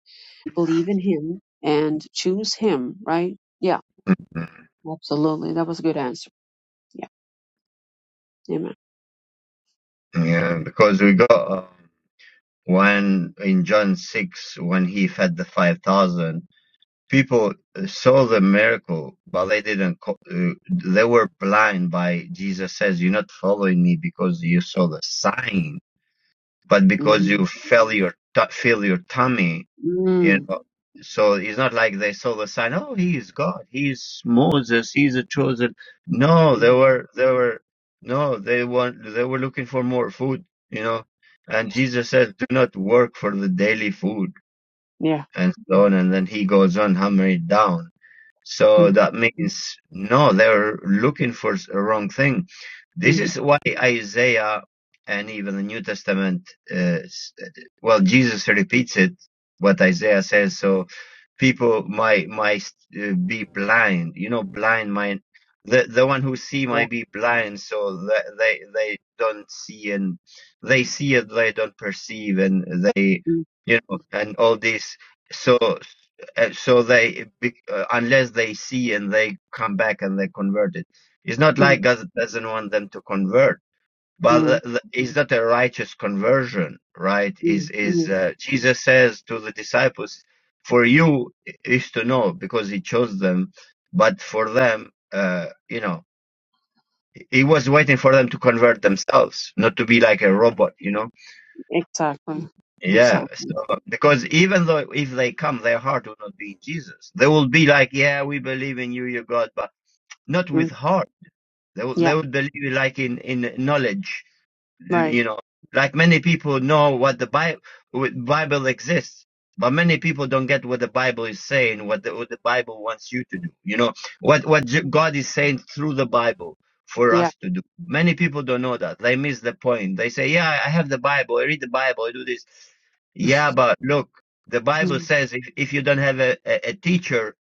Speaker 2: believe in him and choose him right yeah
Speaker 1: mm,
Speaker 2: absolutely that was a good answer yeah amen yeah.
Speaker 1: Yeah. Because we got uh, when in John 6, when he fed the 5,000 people saw the miracle, but they didn't. Co- uh, they were blind by Jesus says, "You're not following me because you saw the sign, but because
Speaker 2: Mhm.
Speaker 1: you felt your t- feel your tummy." You
Speaker 2: Mm.
Speaker 1: know, so it's not like they saw the sign. Oh, he is God. He's Moses. He's a chosen. No, they
Speaker 2: Mhm.
Speaker 1: were. They were. No, they want. They were looking for more food. You know, and Jesus says, "Do not work for the daily food."
Speaker 2: Yeah.
Speaker 1: And so on, and then he goes on hammering it down so
Speaker 2: Mm.
Speaker 1: that means no, they're looking for s- a wrong thing. This
Speaker 2: Mm.
Speaker 1: is why Isaiah and even the New Testament, uh, s- uh, well, Jesus repeats it what Isaiah says. So people might might uh, be blind, you know, blind might the the one who see
Speaker 2: Yeah.
Speaker 1: might be blind, so that they they don't see and they see it, they don't perceive, and they
Speaker 2: Mm.
Speaker 1: you know, and all this. So uh, so they, be- uh, unless they see and they come back and they convert it, it's not like
Speaker 2: Mm.
Speaker 1: God doesn't want them to convert, but
Speaker 2: Mm.
Speaker 1: the- the- it's not a righteous conversion, right? Is
Speaker 2: Mm.
Speaker 1: is
Speaker 2: Mm.
Speaker 1: uh, Jesus says to the disciples, "For you is to know, because He chose them, but for them." Uh, you know, he was waiting for them to convert themselves, not to be like a robot, you know
Speaker 2: Exactly.
Speaker 1: yeah,
Speaker 2: Exactly.
Speaker 1: so because even though if they come, their heart will not be in Jesus. They will be like, "Yeah, we believe in you, your God," but not with
Speaker 2: Mm.
Speaker 1: heart. They will, they
Speaker 2: Yeah.
Speaker 1: will believe like in in knowledge
Speaker 2: Right.
Speaker 1: you know, like many people know what the Bible Bible exists, but many people don't get what the Bible is saying, what the, what the Bible wants you to do. You know, what what J- God is saying through the Bible for
Speaker 2: Yeah.
Speaker 1: us to do. Many people don't know that. They miss the point. They say, "Yeah, I have the Bible. I read the Bible. I do this." Yeah, but look, the Bible
Speaker 2: Mm.
Speaker 1: says if, if you don't have a, a, a teacher,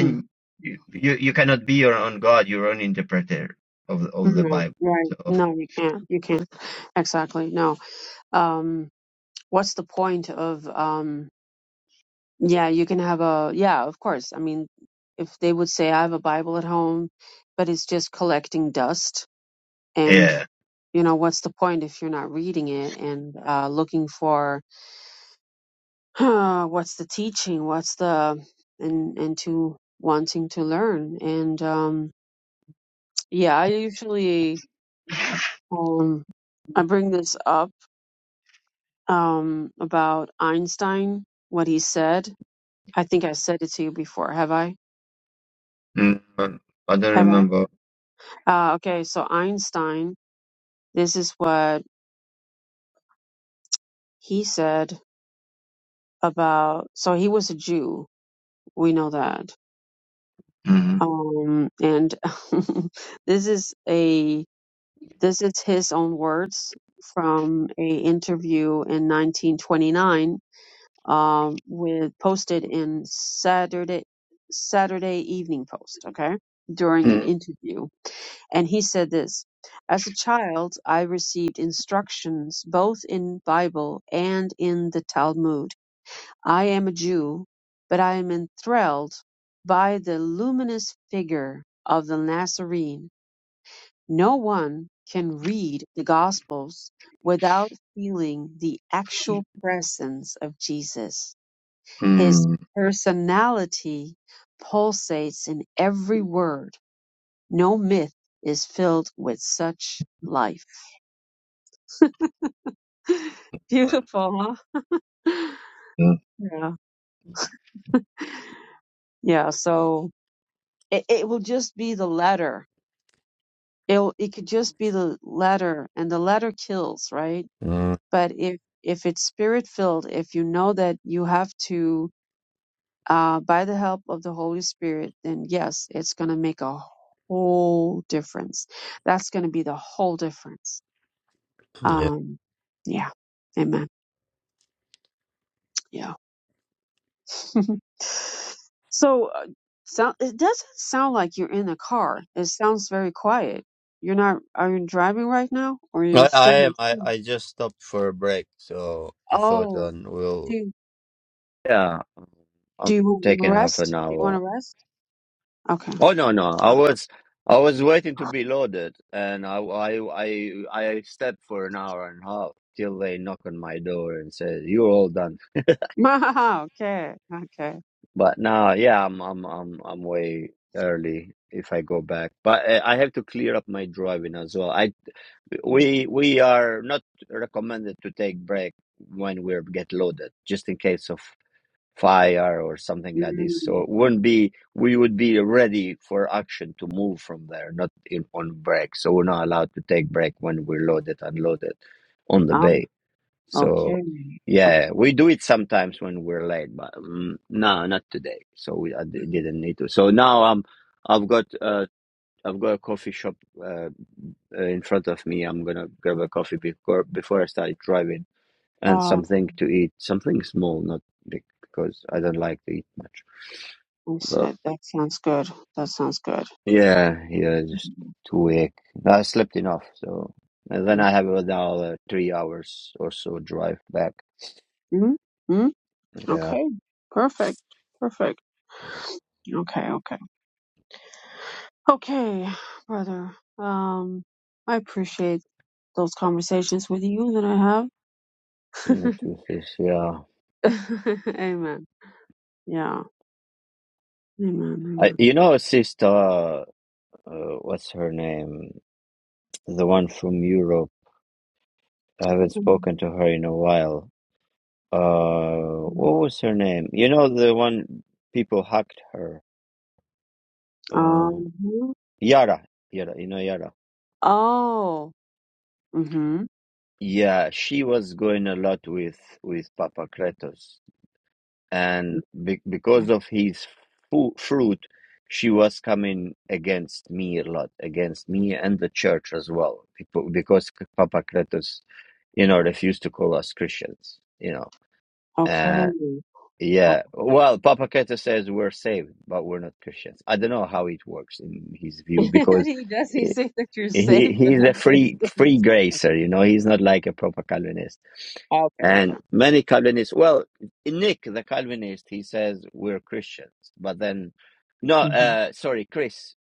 Speaker 2: Mm.
Speaker 1: you, you you cannot be your own God, your own interpreter of of the
Speaker 2: No.
Speaker 1: Bible.
Speaker 2: Right.
Speaker 1: So
Speaker 2: No, you can't. You can't. Exactly. No. Um. What's the point of um? Yeah, you can have a. Yeah, of course. I mean, if they would say I have a Bible at home, but it's just collecting dust and.
Speaker 1: yeah.
Speaker 2: You know what's the point if you're not reading it and uh, looking for what's the teaching what's the and and to wanting to learn and um yeah i usually um i bring this up um about einstein what he said i think i said it to you before have i
Speaker 1: Mm, I I don't
Speaker 2: have i
Speaker 1: remember.
Speaker 2: uh okay so einstein this is what he said about so he was a jew we know that
Speaker 1: Mm,
Speaker 2: um and this is a This is his own words from a interview in 1929 um, with posted in Saturday Saturday Evening Post. Okay, during an
Speaker 1: mm,
Speaker 2: interview, and he said this: As a child, I received instructions both in Bible and in the Talmud. I am a Jew, but I am enthralled by the luminous figure of the Nazarene no one can read the Gospels without feeling the actual presence of Jesus. His
Speaker 1: mm,
Speaker 2: personality pulsates in every word. No myth is filled with such life. Beautiful, huh?
Speaker 1: mm.
Speaker 2: Yeah. Yeah. So it, it will just be the letter. It'll, it could just be the letter and the letter kills, right?
Speaker 1: Mm,
Speaker 2: But if, if it's spirit filled, if you know that you have to uh, by the help of the Holy Spirit, then yes, it's going to make a whole difference. That's going to be the whole difference.
Speaker 1: yeah.
Speaker 2: Um, yeah. Amen. Yeah. so, uh, so it doesn't sound like you're in a car. It sounds very quiet. You're not, are you driving right now or you are
Speaker 1: I, I
Speaker 2: standing
Speaker 1: am. I,
Speaker 2: still?
Speaker 1: I just stopped for a break, so I thought
Speaker 2: Oh,
Speaker 1: um, we'll.
Speaker 2: do,
Speaker 1: Yeah,
Speaker 2: do
Speaker 1: I'm
Speaker 2: you want to
Speaker 1: taking half
Speaker 2: rest?
Speaker 1: an
Speaker 2: Do you want
Speaker 1: hour.
Speaker 2: to rest? Okay.
Speaker 1: Oh no, no, I was I was waiting to be loaded, and I I I I stepped for an hour and a half till they knock on my door and say you're all done.
Speaker 2: okay. Okay.
Speaker 1: But now, yeah, I'm I'm I'm I'm way early if I go back, but uh, I have to clear up my driving as well. I We we are not recommended to take break when we get loaded, just in case of fire or something like this. So
Speaker 2: Mm,
Speaker 1: it wouldn't be we would be ready for action to move from there, not in on break. So we're not allowed to take break when we're loaded and loaded on the
Speaker 2: um,
Speaker 1: bay. So
Speaker 2: okay.
Speaker 1: yeah, we do it sometimes when we're late, but mm, no, not today. So we I d- didn't need to. So now I'm I've got uh I've got a coffee shop uh, uh, in front of me. I'm gonna grab a coffee before before I start driving and
Speaker 2: Oh,
Speaker 1: something to eat, something small, not big, because I don't like to eat much.
Speaker 2: I
Speaker 1: But
Speaker 2: said that sounds good. That sounds good.
Speaker 1: yeah, yeah, just too weak. I slept enough, so and then I have another three hours or so drive back.
Speaker 2: Mm-hmm. hmm
Speaker 1: Yeah,
Speaker 2: Okay. Perfect. Perfect. Okay. Okay. Okay, brother. Um, I appreciate those conversations with you that I have.
Speaker 1: Mm, two, three, yeah.
Speaker 2: Amen. Yeah.
Speaker 1: I,
Speaker 2: Amen.
Speaker 1: you know, sister, uh, what's her name? The one from Europe. I haven't spoken
Speaker 2: Amen.
Speaker 1: to her in a while. Uh, what was her name? You know the one people hacked her. Uh,
Speaker 2: Um.
Speaker 1: Yara, Yara, you know Yara.
Speaker 2: Oh. Mm-hmm.
Speaker 1: Yeah, she was going a lot with with Papa Kratos, and be
Speaker 2: Mm-hmm.
Speaker 1: because of his fu fruit, she was coming against me a lot, against me and the church as well. People, because Papa Kratos, you know, refused to call us Christians, you know.
Speaker 2: Okay. Okay.
Speaker 1: Yeah. Well, Papa Keta says we're saved, but we're not Christians. I don't know how it works in his view because
Speaker 2: he does. He
Speaker 1: eh,
Speaker 2: say that you're safe
Speaker 1: he
Speaker 2: and
Speaker 1: he's
Speaker 2: not
Speaker 1: a
Speaker 2: cursed.
Speaker 1: free free gracer, you know. He's not like a proper Calvinist.
Speaker 2: Okay. Okay.
Speaker 1: And many Calvinists, well, Nick the Calvinist, he says we're Christians, but then no,
Speaker 2: hmm
Speaker 1: uh, sorry, Chris,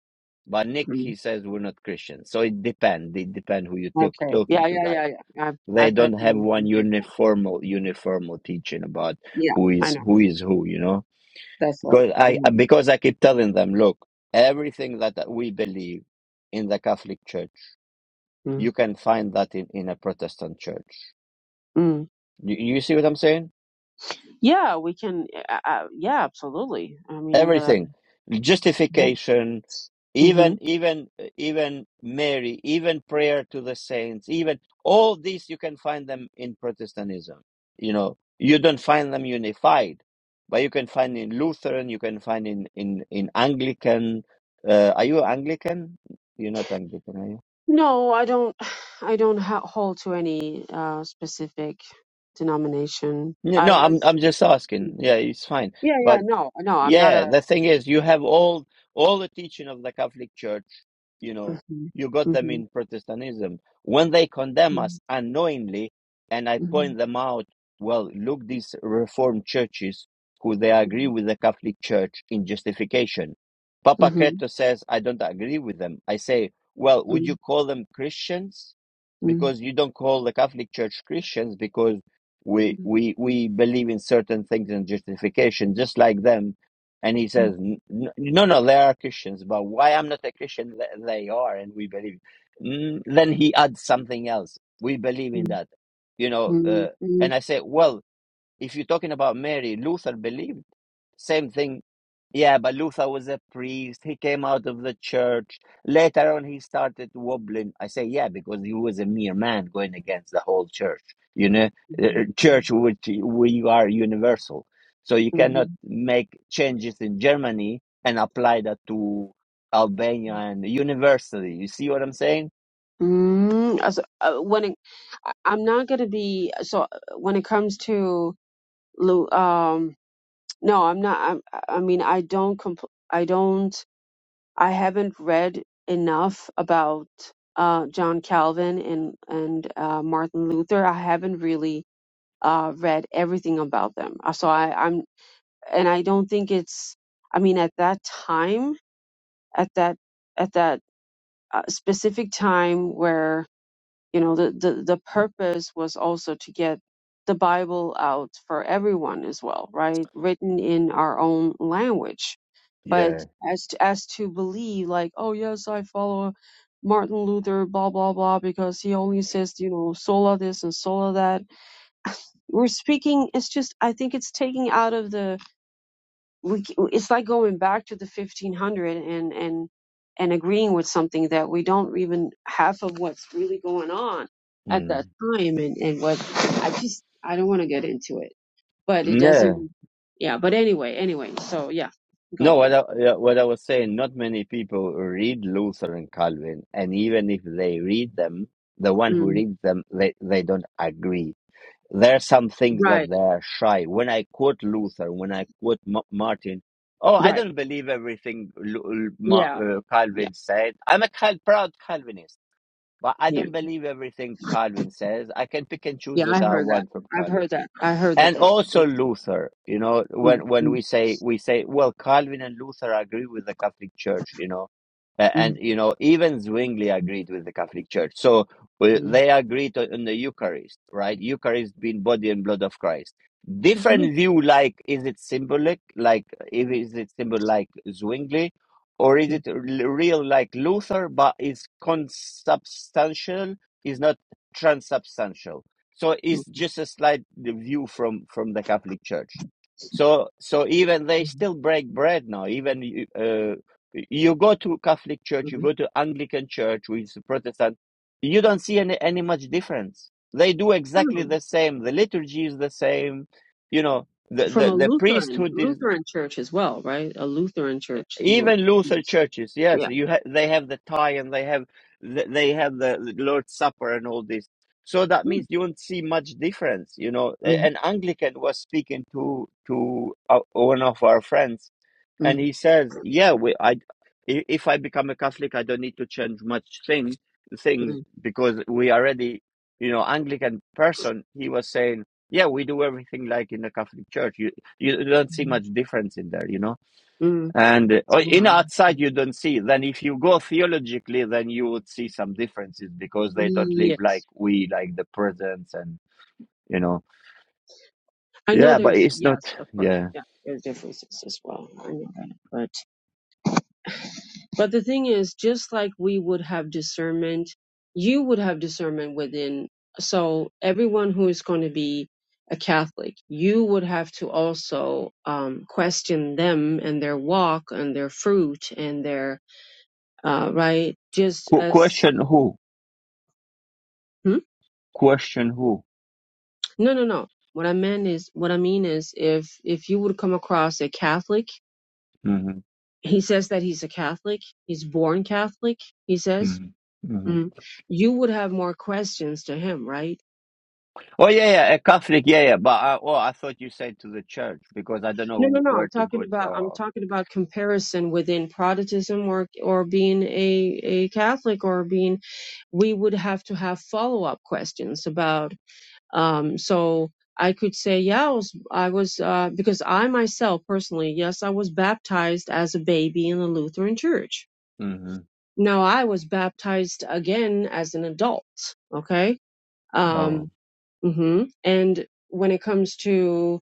Speaker 1: but Nick he says we're not Christians. So it depends. It depends who you talk
Speaker 2: Okay.
Speaker 1: talking
Speaker 2: Yeah,
Speaker 1: to.
Speaker 2: yeah,
Speaker 1: Like.
Speaker 2: yeah, yeah. I I
Speaker 1: They
Speaker 2: bet
Speaker 1: don't have
Speaker 2: they
Speaker 1: one
Speaker 2: think different.
Speaker 1: uniformal uniformal teaching about
Speaker 2: Yeah,
Speaker 1: who
Speaker 2: I
Speaker 1: is
Speaker 2: know.
Speaker 1: who is who, you know.
Speaker 2: That's right.
Speaker 1: Because
Speaker 2: I
Speaker 1: I
Speaker 2: know.
Speaker 1: because I keep telling them, look, everything that we believe in the Catholic Church,
Speaker 2: mm
Speaker 1: you can find that in, in a Protestant church.
Speaker 2: Mm.
Speaker 1: You, you see what I'm saying?
Speaker 2: Yeah, we can. Uh, uh, yeah, absolutely. I mean, the.
Speaker 1: everything
Speaker 2: Yeah.
Speaker 1: justification
Speaker 2: hmm
Speaker 1: even even even mary even prayer to the saints even all these you can find them in protestantism you know you don't find them unified but you can find in lutheran you can find in in in anglican uh, are you anglican you're not anglican are you
Speaker 2: No, I don't. I don't ha- hold to any uh, specific denomination.
Speaker 1: no
Speaker 2: I
Speaker 1: no, i'm
Speaker 2: was.
Speaker 1: i'm just asking yeah it's fine
Speaker 2: Yeah,
Speaker 1: but
Speaker 2: yeah. No, no. I'm not
Speaker 1: Yeah,
Speaker 2: a.
Speaker 1: the thing is, you have all all the teaching of the Catholic Church, you
Speaker 2: hmm
Speaker 1: know, you got them
Speaker 2: hmm
Speaker 1: in Protestantism. When they condemn
Speaker 2: hmm
Speaker 1: us unknowingly, and I
Speaker 2: hmm
Speaker 1: point them out, well, look these Reformed churches who they agree with the Catholic Church in justification. Papa
Speaker 2: hmm
Speaker 1: Creto says, I don't agree with them. I say, well, would you
Speaker 2: hmm
Speaker 1: call them Christians?
Speaker 2: hmm
Speaker 1: Because you don't call the Catholic Church Christians because we
Speaker 2: hmm
Speaker 1: we we believe in certain things in justification, just like them and he says, "N- n- no, no, they are Christians, but why I'm not a Christian? Th- They are, and we believe. Mm, then he adds something else. We believe in that, you know.
Speaker 2: hmm
Speaker 1: Uh, and I say, well, if you're talking about Mary, Luther believed same thing yeah, but Luther was a priest. He came out of the church. Later on, he started wobbling. I say, yeah, because he was a mere man going against the whole church. You know, Uh, uh, church which we are universal, so you
Speaker 2: hmm hmm
Speaker 1: cannot make changes in Germany and apply that to Albania and universally. You see what I'm saying?
Speaker 2: Mm, as- uh, when it, I- I'm not gonna be so when it comes to Lu, um, no, I'm not. I'm, I mean, I don't. Compl- I don't. I haven't read enough about uh, John Calvin and and uh, Martin Luther. I haven't really uh, read everything about them. Uh, So I, I'm, and I don't think it's. I mean, at that time, at that at that uh, specific time where you know the, the the purpose was also to get the bible out for everyone as well right written in our own language but
Speaker 1: Yeah.
Speaker 2: as to, as to believe like oh yes i follow martin luther blah blah blah because he only says you know sola this and sola that we're speaking it's just i think it's taking out of the we it's like going back to the 1500 and and and agreeing with something that we don't even half of what's really going on at that
Speaker 1: Mm.
Speaker 2: time and and what i just i don't want to get into it but it doesn't yeah but anyway anyway so yeah go
Speaker 1: No, what
Speaker 2: on
Speaker 1: I, yeah, what I was saying, not many people read Luther and Calvin, and even if they read them, the one who
Speaker 2: mm,
Speaker 1: reads them, they, they don't agree. There are some things that
Speaker 2: right
Speaker 1: they're shy. When I quote Luther, when I quote M- Martin, oh, I
Speaker 2: right
Speaker 1: don't believe everything Lu- Lu- Ma-
Speaker 2: yeah
Speaker 1: uh,
Speaker 2: yeah
Speaker 1: Calvin said. I'm a Cal- proud Calvinist, but I
Speaker 2: yeah
Speaker 1: don't believe everything Calvin says. I can pick and choose
Speaker 2: yeah
Speaker 1: what
Speaker 2: i
Speaker 1: I
Speaker 2: heard that
Speaker 1: want from
Speaker 2: i've
Speaker 1: Calvin
Speaker 2: heard that i heard that
Speaker 1: and
Speaker 2: they, they
Speaker 1: also Luther. You know,
Speaker 2: mm,
Speaker 1: when when
Speaker 2: mm,
Speaker 1: we say we say, well, Calvin and Luther agree with the Catholic Church. You know, A- and
Speaker 2: mm,
Speaker 1: you know even Zwingli agreed with the Catholic Church. So well,
Speaker 2: mm,
Speaker 1: they agreed on on the Eucharist, right? Eucharist being body and blood of Christ.
Speaker 2: mm,
Speaker 1: Different view, like is it symbolic, like if is it symbol like Zwingli, or is
Speaker 2: mm,
Speaker 1: it l- real like Luther, but is consubstantial, is not transubstantial so it's
Speaker 2: mm,
Speaker 1: just a slight view from from the Catholic Church. So so even they still break bread now. Even you- uh, you go to Catholic Church,
Speaker 2: mm,
Speaker 1: you go to Anglican Church, which is Protestant, you don't see any any much difference. They do
Speaker 2: mm.
Speaker 1: exactly the same. The liturgy is the same. You know, the
Speaker 2: from
Speaker 1: the,
Speaker 2: a
Speaker 1: the
Speaker 2: Lutheran
Speaker 1: priesthood is
Speaker 2: Lutheran church as well, right? A Lutheran church. will-
Speaker 1: even Luther churches, yes,
Speaker 2: Yeah.
Speaker 1: you ha- they have the tie and they have th- they have the the Lord's Supper and all this. So that
Speaker 2: Yeah.
Speaker 1: means you won't see much difference, you know. A-
Speaker 2: Mm,
Speaker 1: An Anglican was speaking to to uh, one of our friends, and
Speaker 2: mm,
Speaker 1: he says, "Yeah, we, I, i- if I become a Catholic, I don't need to change much thing things
Speaker 2: mm,
Speaker 1: because we already, you know, Anglican person." He was saying, "Yeah, we do everything like in the Catholic Church. You you don't see much difference in there, you know."
Speaker 2: mm.
Speaker 1: And uh, in outside
Speaker 2: Yeah.
Speaker 1: you don't see. Then if you go theologically, then you would see some differences because they don't live like
Speaker 2: Yes.
Speaker 1: we, like the presence and you know.
Speaker 2: I know
Speaker 1: Yeah, but
Speaker 2: there's
Speaker 1: it's not.
Speaker 2: yes, of course.
Speaker 1: Yeah,
Speaker 2: Yeah. There's differences as well. I know that. But but the thing is, just like we would have discernment, you would have discernment within so everyone who is going to be a Catholic, you would have to also um, question them and their walk and their fruit and their uh, right? Just
Speaker 1: Qu-
Speaker 2: as
Speaker 1: question who?
Speaker 2: hmm?
Speaker 1: Question who?
Speaker 2: no, no, no. What I meant is, what I mean is, if if you would come across a Catholic,
Speaker 1: hmm
Speaker 2: he says that he's a Catholic, he's born Catholic. He says
Speaker 1: hmm hmm
Speaker 2: mm, you would have more questions to him, right?
Speaker 1: Oh yeah, yeah, a Catholic. Yeah, yeah. But I, oh, I thought you said to the church because I don't
Speaker 2: No, no,
Speaker 1: know
Speaker 2: no. I'm
Speaker 1: where to
Speaker 2: talking
Speaker 1: go.
Speaker 2: about I'm
Speaker 1: Oh,
Speaker 2: talking about comparison within Protestantism or or being a a Catholic or being. We would have to have follow up questions about Um, so I could say, yeah, I was, I was, uh, because I myself personally, yes, I was baptized as a baby in the Lutheran church.
Speaker 1: hmm
Speaker 2: Now I was baptized again as an adult. Okay.
Speaker 1: oh.
Speaker 2: Um, mhm. and when it comes to,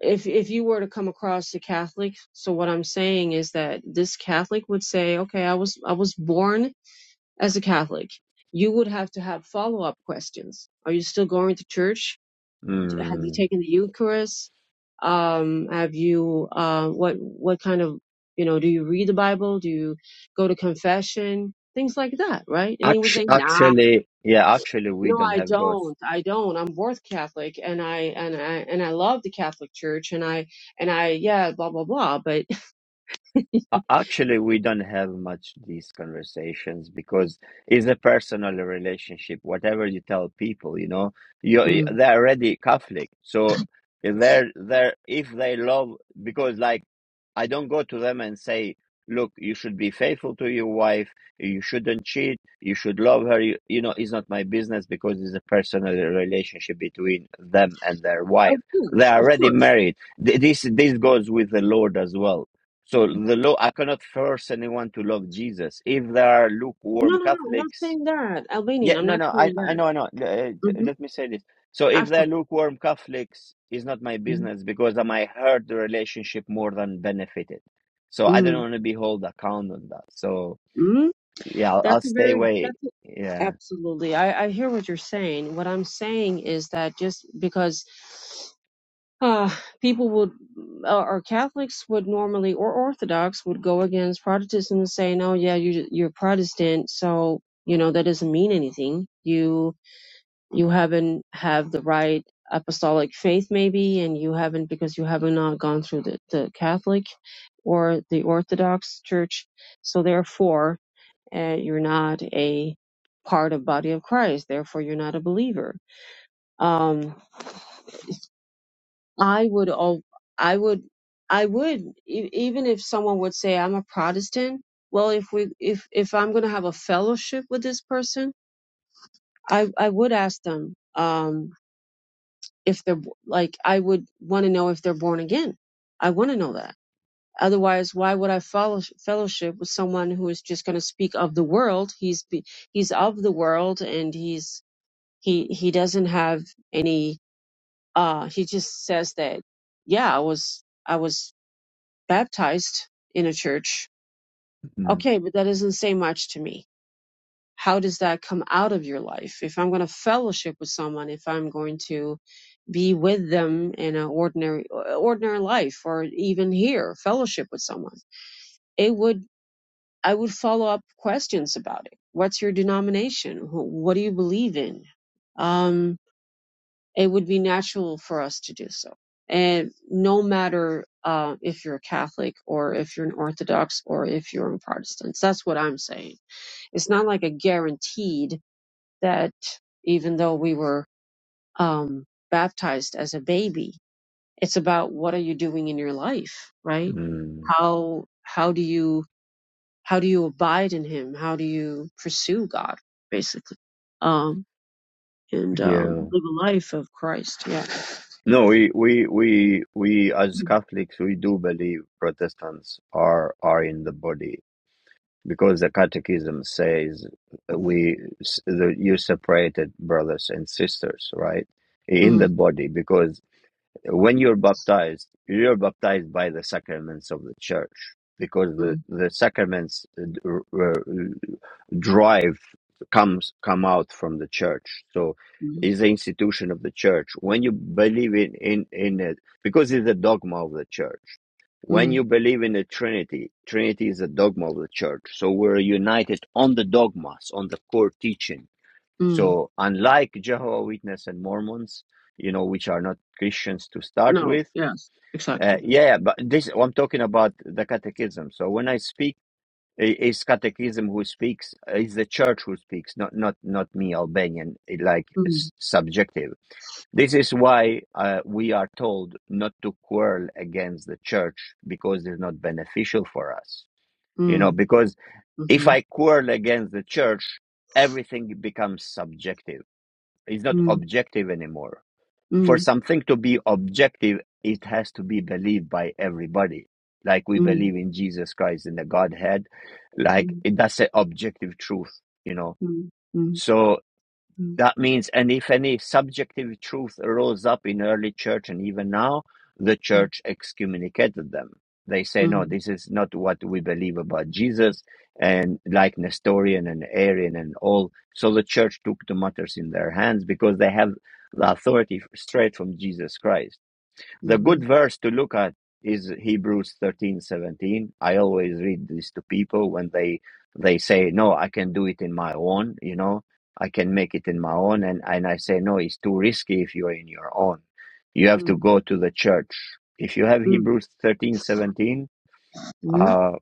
Speaker 2: if, if you were to come across a Catholic, so what I'm saying is that this Catholic would say, okay, I was, I was born as a Catholic. You would have to have follow up questions. Are you still going to church? have you
Speaker 1: Mm.
Speaker 2: taken the Eucharist? Um, have you uh, what what kind of you know do you read the Bible? Do you go to confession? Things like that, right? And he would
Speaker 1: Actu-
Speaker 2: say, Nah,
Speaker 1: Actually, yeah, actually, we
Speaker 2: no,
Speaker 1: don't
Speaker 2: I
Speaker 1: have those.
Speaker 2: don't. I don't. I'm born Catholic, and I and I and I love the Catholic Church, and I and I yeah, blah blah blah. But
Speaker 1: A- Actually, we don't have much these conversations because it's a personal relationship. Whatever you tell people, you know, you
Speaker 2: Mm.
Speaker 1: they're already Catholic, so they're they're if they love because like I don't go to them and say, look, you should be faithful to your wife, you shouldn't cheat, you should love her. You, you know, it's not my business because it's a personal relationship between them and their
Speaker 2: Of
Speaker 1: wife.
Speaker 2: course,
Speaker 1: They're
Speaker 2: of
Speaker 1: already
Speaker 2: course.
Speaker 1: married. Th- This this goes with the Lord as well so the law, I cannot force anyone to love Jesus. If there are
Speaker 2: No,
Speaker 1: lukewarm
Speaker 2: no, no, I'm not
Speaker 1: Catholics,
Speaker 2: saying that. Albanian,
Speaker 1: yeah,
Speaker 2: I'm
Speaker 1: no,
Speaker 2: not
Speaker 1: no, I,
Speaker 2: saying
Speaker 1: I
Speaker 2: that.
Speaker 1: know, I know. Uh,
Speaker 2: hmm
Speaker 1: let me say this. So if
Speaker 2: Of
Speaker 1: there are
Speaker 2: course.
Speaker 1: lukewarm Catholics, it's not my business because I might hurt the relationship more than benefited. So I
Speaker 2: Mm-hmm.
Speaker 1: don't want to be held account on that. So
Speaker 2: Mm.
Speaker 1: yeah, I'll, I'll
Speaker 2: That's a
Speaker 1: stay
Speaker 2: very
Speaker 1: away.
Speaker 2: that's a-
Speaker 1: Yeah.
Speaker 2: absolutely. I I hear what you're saying. What I'm saying is that just because uh people would uh, or Catholics would normally or Orthodox would go against Protestantism and say, "No, yeah, you you're Protestant, so you know that doesn't mean anything. You you haven't have the right apostolic faith maybe and you haven't because you haven't not gone through the, the Catholic or the Orthodox church. So therefore, uh, you're not a part of body of Christ, therefore you're not a believer. Um, I would, al- I would, I would, e- even if someone would say I'm a Protestant. Well, if we, if if I'm going to have a fellowship with this person, I I would ask them um, if they're bo- like I would want to know if they're born again. I want to know that. Otherwise, why would I follow, fellowship with someone who is just going to speak of the world? He's be, he's of the world, and he's he he doesn't have any uh he just says that yeah i was i was baptized in a church
Speaker 1: mm
Speaker 2: okay but that doesn't say much to me how does that come out of your life if i'm going to fellowship with someone if i'm going to be with them in an ordinary ordinary life or even here fellowship with someone it would i would follow up questions about it what's your denomination Wh- what do you believe in Um, it would be natural for us to do so. And no matter uh, if you're a Catholic or if you're an Orthodox or if you're a Protestant, that's what I'm saying. It's not like a guaranteed that even though we were um, baptized as a baby, it's about what are you doing in your life, right?
Speaker 1: mm.
Speaker 2: How how do you how do you abide in Him? How do you pursue God, basically, um, and
Speaker 1: Yeah.
Speaker 2: um, live a life of Christ? Yeah.
Speaker 1: No, we, we, we, we as Catholics, we do believe Protestants are, are in the body. because the catechism says we the, you separated brothers and sisters right in the
Speaker 2: Mm,
Speaker 1: body because when you're baptized you're baptized by the sacraments of the church because the
Speaker 2: mm,
Speaker 1: the sacraments drive comes come out from the church so
Speaker 2: mm.
Speaker 1: it's the institution of the church when you believe in in in it because it's a dogma of the church when you
Speaker 2: Mm,
Speaker 1: believe in the trinity trinity is a dogma of the church so we're united on the dogmas on the core teaching
Speaker 2: mm,
Speaker 1: so unlike jehovah witness and mormons you know which are not christians to start
Speaker 2: no,
Speaker 1: with
Speaker 2: yes,
Speaker 1: uh,
Speaker 2: exactly.
Speaker 1: yeah but this i'm talking about the catechism so when i speak I- It's Catechism who speaks. It's the church who speaks, not not not me, Albanian. it, Like
Speaker 2: Mm,
Speaker 1: it's subjective. This is why uh, we are told not to quarrel against the church because it's not beneficial for us. You know,
Speaker 2: mm,
Speaker 1: because if
Speaker 2: mm-hmm,
Speaker 1: I quarrel against the church, everything becomes subjective. It's not
Speaker 2: mm,
Speaker 1: objective anymore for
Speaker 2: mm,
Speaker 1: something to be objective, it has to be believed by everybody. Like we
Speaker 2: mm,
Speaker 1: believe in Jesus Christ in the Godhead, like
Speaker 2: mm,
Speaker 1: it, that's an objective truth, you know.
Speaker 2: mm, mm,
Speaker 1: So
Speaker 2: mm,
Speaker 1: that means, and if any subjective truth arose up in early church and even now, the
Speaker 2: mm,
Speaker 1: church excommunicated them. They say, no,
Speaker 2: mm,
Speaker 1: this is not what we believe about Jesus, and like Nestorian and Arian and all. So the church took the matters in their hands because they have the authority straight from Jesus Christ. The good
Speaker 2: mhm,
Speaker 1: verse to look at is Hebrews thirteen seventeen. I always read this to people when they they say, "No, I can do it in my own," you know, I can make it in my own, and and I say, "No, it's too risky if you're in your own. You have to
Speaker 2: mm,
Speaker 1: go to the church." If you have
Speaker 2: mm,
Speaker 1: Hebrews thirteen seventeen,
Speaker 2: mm.
Speaker 1: uh,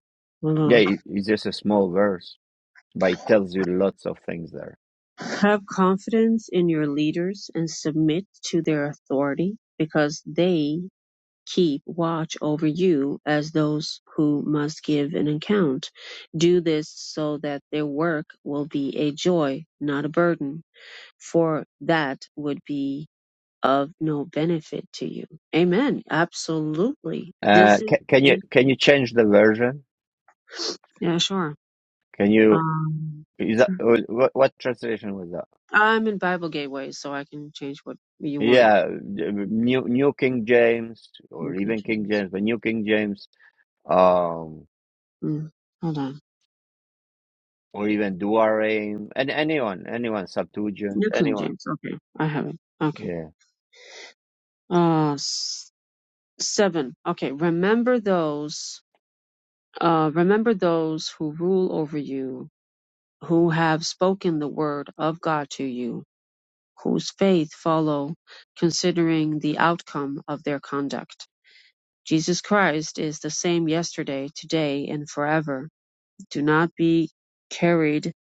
Speaker 2: Hold
Speaker 1: yeah,
Speaker 2: on.
Speaker 1: it, it's just a small verse, but it tells you lots of things there.
Speaker 2: Have confidence in your leaders and submit to their authority because they keep watch over you as those who must give an account. Do this so that their work will be a joy, not a burden, for that would be of no benefit to you. Amen. Absolutely.
Speaker 1: Uh,
Speaker 2: This is
Speaker 1: can, can you
Speaker 2: this,
Speaker 1: can you change the version?
Speaker 2: yeah, sure.
Speaker 1: Can you
Speaker 2: Um,
Speaker 1: is that
Speaker 2: sure.
Speaker 1: wh- what translation was that?
Speaker 2: I'm in Bible Gateway, so I can change what you want.
Speaker 1: Yeah, New New King James or
Speaker 2: New King
Speaker 1: even King
Speaker 2: James.
Speaker 1: James, but New King James, um,
Speaker 2: Mm, hold on.
Speaker 1: or even Douarim, and anyone, anyone, Septuagint,
Speaker 2: New King
Speaker 1: anyone.
Speaker 2: James. Okay, I have it. Okay.
Speaker 1: Yeah.
Speaker 2: Uh, s- seven. Okay. Remember those. Uh, remember those who rule over you, who have spoken the word of God to you whose faith follow considering the outcome of their conduct. Jesus Christ is the same yesterday, today, and forever. Do not be carried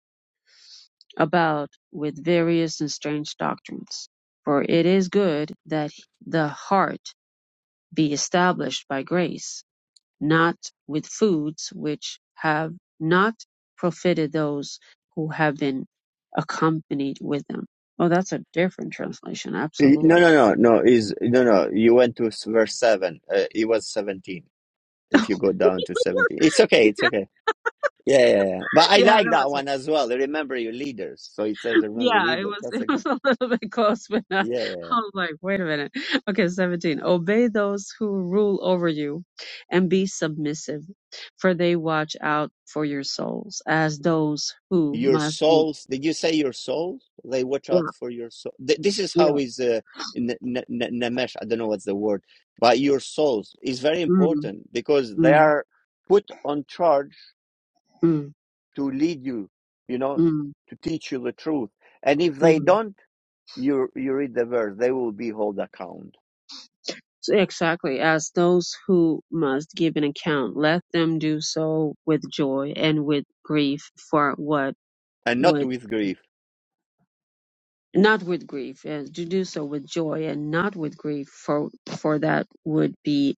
Speaker 2: about with various and strange doctrines, for it is good that the heart be established by grace, not with foods which have not profited those who have been accompanied with them. Oh, that's a different translation,
Speaker 1: Eh, No,
Speaker 2: absolutely.
Speaker 1: no, no, no. Is no, no. You went to s- verse seven. Uh, it was seventeen. If you go down to seventeen, it's okay. It's okay. Yeah, yeah, yeah. But I
Speaker 2: Yeah,
Speaker 1: like
Speaker 2: that
Speaker 1: that
Speaker 2: was it.
Speaker 1: one as well. Remember your leaders. So it says remember
Speaker 2: Yeah, it
Speaker 1: leaders.
Speaker 2: was
Speaker 1: That's
Speaker 2: it
Speaker 1: a good.
Speaker 2: was a little bit close, but not,
Speaker 1: Yeah, yeah, yeah.
Speaker 2: I was like, wait a minute. Okay, 17. Obey those who rule over you and be submissive, for they watch out for your souls as those who
Speaker 1: your
Speaker 2: must give.
Speaker 1: souls did you say your souls they watch out
Speaker 2: Yeah,
Speaker 1: for your soul Th- this is how
Speaker 2: yeah.
Speaker 1: is uh, n- n- n- namesh i don't know what's the word but your souls is very
Speaker 2: Mm,
Speaker 1: important because they
Speaker 2: mm,
Speaker 1: are put on charge
Speaker 2: mm,
Speaker 1: to lead you you know
Speaker 2: mm,
Speaker 1: to teach you the truth and if they
Speaker 2: mm.
Speaker 1: don't you you read the verse they will be hold account
Speaker 2: So exactly, as those who must give an account, let them do so with joy and with grief for what
Speaker 1: and not
Speaker 2: would
Speaker 1: with grief
Speaker 2: not with grief, and to do so with joy and not with grief, for for that would be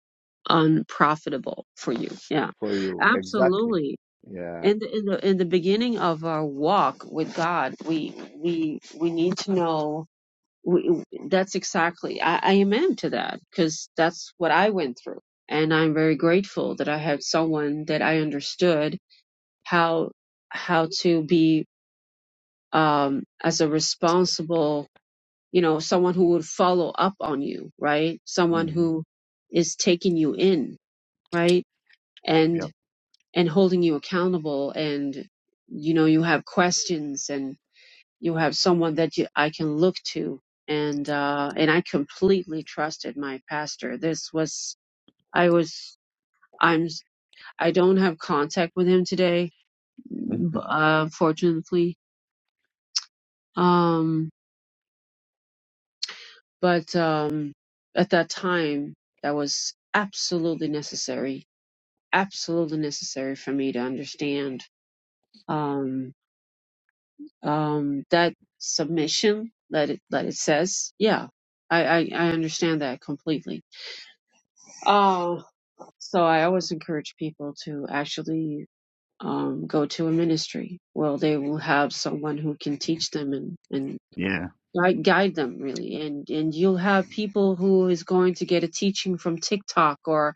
Speaker 2: unprofitable for you. Yeah,
Speaker 1: for you exactly
Speaker 2: absolutely.
Speaker 1: yeah
Speaker 2: And in the in the beginning of our walk with God, we we we need to know. We, that's exactly I, I am into that because that's what I went through, and I'm very grateful that I had someone that I understood how how to be um, as a responsible you know, someone who would follow up on you, right? Someone
Speaker 1: hmm
Speaker 2: who is taking you in, right? And,
Speaker 1: Yep.
Speaker 2: and holding you accountable and, you know, you have questions and you have someone that you, I can look to. And, uh, and I completely trusted my pastor. This was, I was, I'm, I don't have contact with him today, b-
Speaker 1: hmm
Speaker 2: uh, fortunately. Um, But um, at that time, that was absolutely necessary, absolutely necessary for me to understand um, um, that submission that it that it says. Yeah, I I, I understand that completely. Oh, so I always encourage people to actually. Um, go to a ministry. Well, they will have someone who can teach them and, and
Speaker 1: yeah
Speaker 2: guide, guide them really and and you'll have people who is going to get a teaching from TikTok or.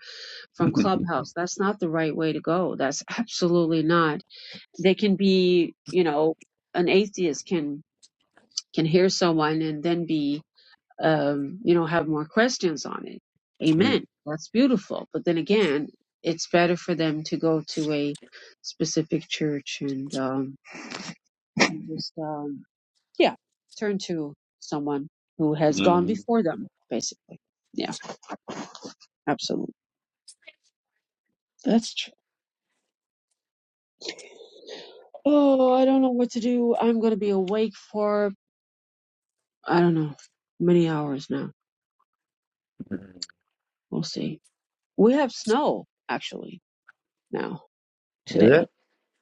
Speaker 2: from Clubhouse. That's not the right way to go. That's absolutely not. They can be, you know, an atheist can can hear someone and then be, um, you know, have more questions on it.
Speaker 1: Mm.
Speaker 2: Amen. That's beautiful. But then again, it's better for them to go to a specific church and um, just, um, yeah, turn to someone who has gone
Speaker 1: Mm.
Speaker 2: before them, basically. Yeah, absolutely. That's true. Oh, I don't know what to do. I'm going to be awake for, I don't know, many hours now.
Speaker 1: Mhm.
Speaker 2: We'll see. We have snow, actually, now,
Speaker 1: is
Speaker 2: today.
Speaker 1: it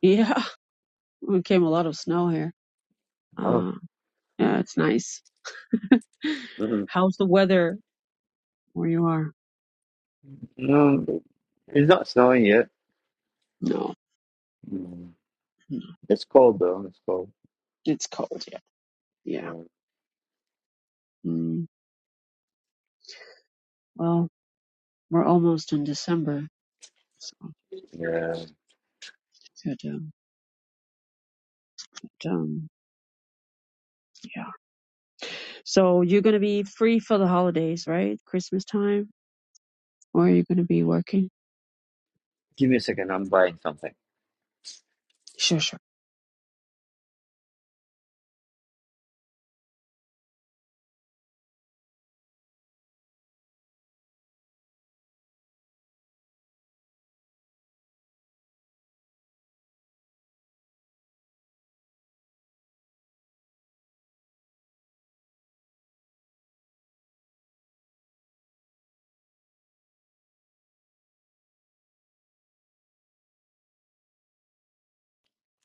Speaker 2: Yeah, it came a lot of snow here.
Speaker 1: oh
Speaker 2: Uh, yeah, it's nice.
Speaker 1: Mm-hmm.
Speaker 2: How's the weather where you are?
Speaker 1: No, it's not snowing yet.
Speaker 2: No,
Speaker 1: Mm.
Speaker 2: no,
Speaker 1: It's cold though. It's cold.
Speaker 2: it's cold, yeah. Yeah.
Speaker 1: Yeah.
Speaker 2: Mm, well, we're almost in December, so
Speaker 1: yeah.
Speaker 2: good. Um, but, um, yeah. So you're going to be free for the holidays, right? Christmas time? Or are you going to be working?
Speaker 1: Give me a second. I'm buying something.
Speaker 2: Sure, sure.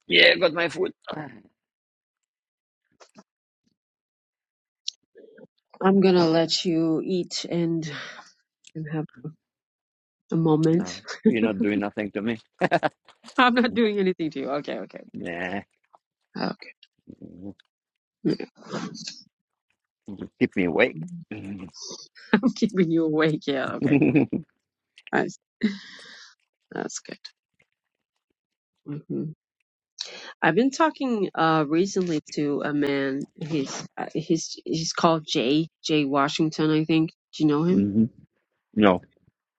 Speaker 1: Yeah, got my food. Ah,
Speaker 2: I'm gonna let you eat and and have a
Speaker 1: No,
Speaker 2: moment.
Speaker 1: you're not doing nothing to me.
Speaker 2: I'm not doing anything to you. Okay, okay.
Speaker 1: Nah.
Speaker 2: Okay. Yeah.
Speaker 1: Keep me awake. hmm
Speaker 2: I'm keeping you awake. Yeah, okay. I see. That's good. hmm I've been talking uh recently to a man. He's uh, he's he's called Jay Jay Washington, I think. Do you know him?
Speaker 1: No.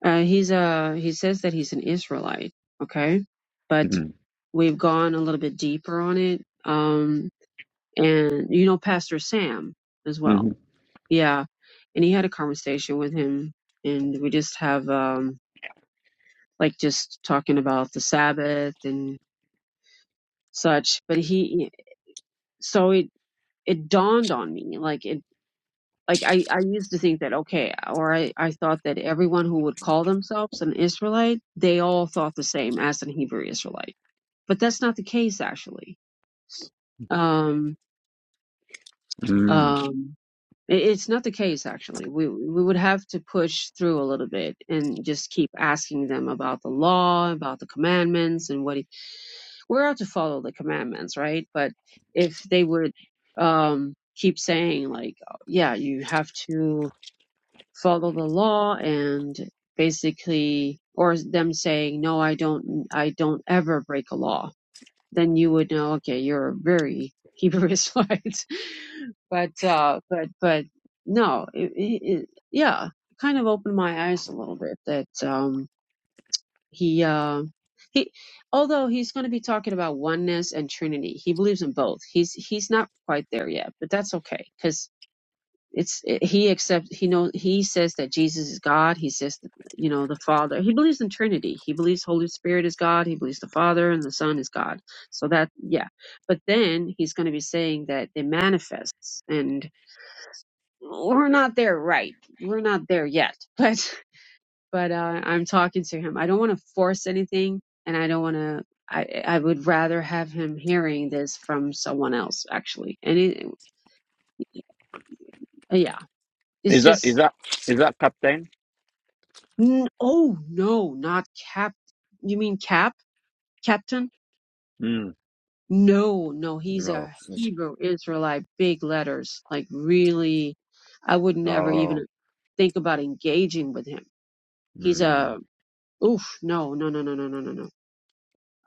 Speaker 2: Uh, he's uh he says that he's an Israelite. Okay, but
Speaker 1: hmm
Speaker 2: we've gone a little bit deeper on it. Um, and you know Pastor Sam as well.
Speaker 1: hmm
Speaker 2: Yeah, and he had a conversation with him, and we just have um like just talking about the Sabbath and such. But he, so it it dawned on me like it like I I used to think that okay, or I I thought that everyone who would call themselves an Israelite, they all thought the same as an Hebrew Israelite, but that's not the case actually. Um, um, I- It's not the case, actually. We we would have to push through a little bit and just keep asking them about the law, about the commandments, and what he, we're out to follow the commandments, right? But if they would um, keep saying like, "Oh, yeah, you have to follow the law, and basically, or them saying, no, I don't, I don't ever break a law then you would know, okay, you're very Hebrew Israelite. but, uh, but, but no, it, it, it- yeah, kind of opened my eyes a little bit that, um, he, uh, he, although he's going to be talking about oneness and Trinity, he believes in both. He's, he's not quite there yet, but that's okay. 'Cause it's it, he accepts he knows he says that Jesus is God. He says you know the Father. He believes in Trinity. He believes Holy Spirit is God. He believes the Father and the Son is God. So that yeah, but then he's going to be saying that they manifests, and we're not there right. We're not there yet. But but uh, I'm talking to him. I don't want to force anything, and I don't want to. I, I would rather have him hearing this from someone else actually and it, yeah it's
Speaker 1: Is that is
Speaker 2: just
Speaker 1: that is that captain?
Speaker 2: N- oh no, not cap. You mean cap? Captain?
Speaker 1: Mm.
Speaker 2: No, no, he's
Speaker 1: No.
Speaker 2: a Hebrew Israelite, big letters. Like really, I would never even
Speaker 1: Oh.
Speaker 2: think about engaging with him. He's
Speaker 1: Mm.
Speaker 2: a oof. No, no, no, no, no, no, no, no.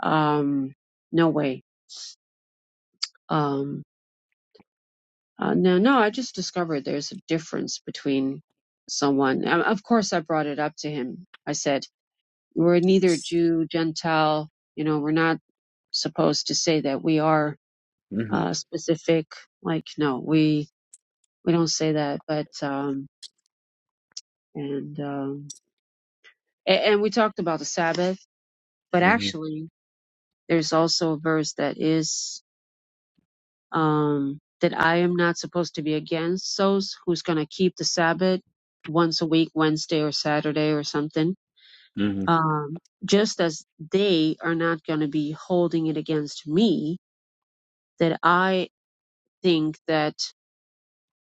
Speaker 2: Um, no way. Um, uh, no, no. I just discovered there's a difference between someone. Um, of course, I brought it up to him. I said, "We're neither Jew, Gentile. You know, we're not." supposed to say that we are
Speaker 1: Mm-hmm.
Speaker 2: uh, specific. Like, no, we we don't say that. But um, and um, and, and we talked about the Sabbath, but
Speaker 1: Mm-hmm.
Speaker 2: actually, there's also a verse that is um, that I am not supposed to be against those who's going to keep the Sabbath once a week, Wednesday or Saturday or something.
Speaker 1: hmm
Speaker 2: Um, just as they are not going to be holding it against me, that I think that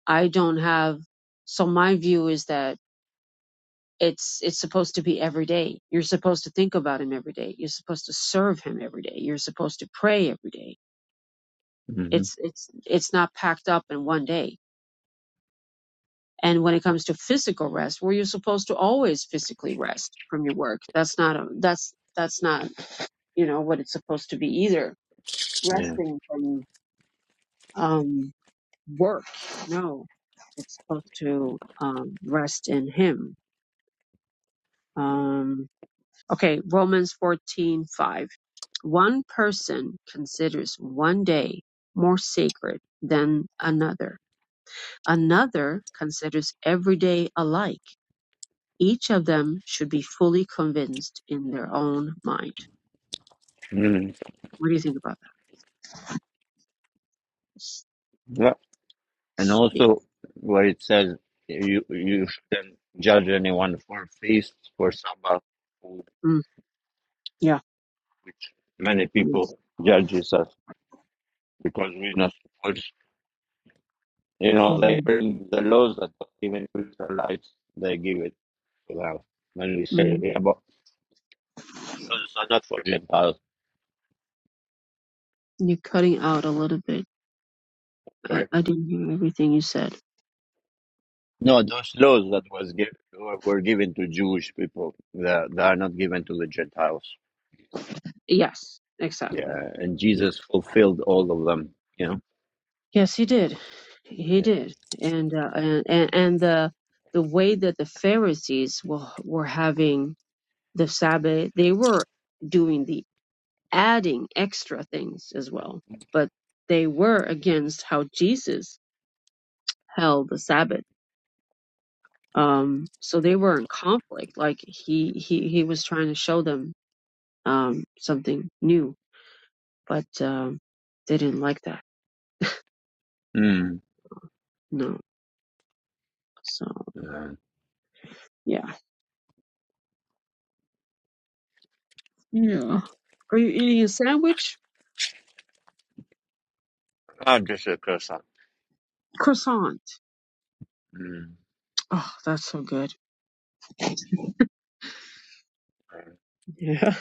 Speaker 2: I don't have so my view is that it's it's supposed to be every day. You're supposed to think about him every day. You're supposed to serve him every day. You're supposed to pray every day.
Speaker 1: hmm hmm
Speaker 2: It's it's it's not packed up in one day. And when it comes to physical rest, where you're supposed to always physically rest from your work, that's not a, that's that's not you know what it's supposed to be either.
Speaker 1: Yeah.
Speaker 2: Resting from um, work, no, it's supposed to um, rest in Him. Um, Okay, Romans fourteen five. One person considers one day more sacred than another. Another considers every day alike. Each of them should be fully convinced in their own mind.
Speaker 1: Mm.
Speaker 2: What do you think about that?
Speaker 1: And
Speaker 2: Yeah.
Speaker 1: also where it says you you shouldn't judge anyone for feast, for Sabbath, food,
Speaker 2: Mm, yeah.
Speaker 1: which many
Speaker 2: Yes.
Speaker 1: people judge us because we're not supposed. You know, they
Speaker 2: hmm
Speaker 1: bring the laws that even Israelites they give it to us. When we say
Speaker 2: Mm,
Speaker 1: yeah, but those are not for Gentiles,
Speaker 2: you're cutting out a little bit. I,
Speaker 1: right?
Speaker 2: I didn't hear everything you said.
Speaker 1: No, those laws that was given were given to Jewish people. They they are not given to the Gentiles.
Speaker 2: Yes, exactly.
Speaker 1: Yeah, and Jesus fulfilled all of them. You
Speaker 2: Yes, he did. He
Speaker 1: know.
Speaker 2: did. And uh, and and and the the way that the Pharisees were were having the Sabbath, they were doing the adding extra things as well, but they were against how Jesus held the Sabbath. Um, so they were in conflict. Like he he he was trying to show them um something new, but um, they didn't like that.
Speaker 1: Yeah.
Speaker 2: No. So
Speaker 1: Mm.
Speaker 2: yeah. Yeah. Are you eating a sandwich?
Speaker 1: Ah, just a croissant.
Speaker 2: Croissant.
Speaker 1: Mm.
Speaker 2: Oh, that's so good. Yeah,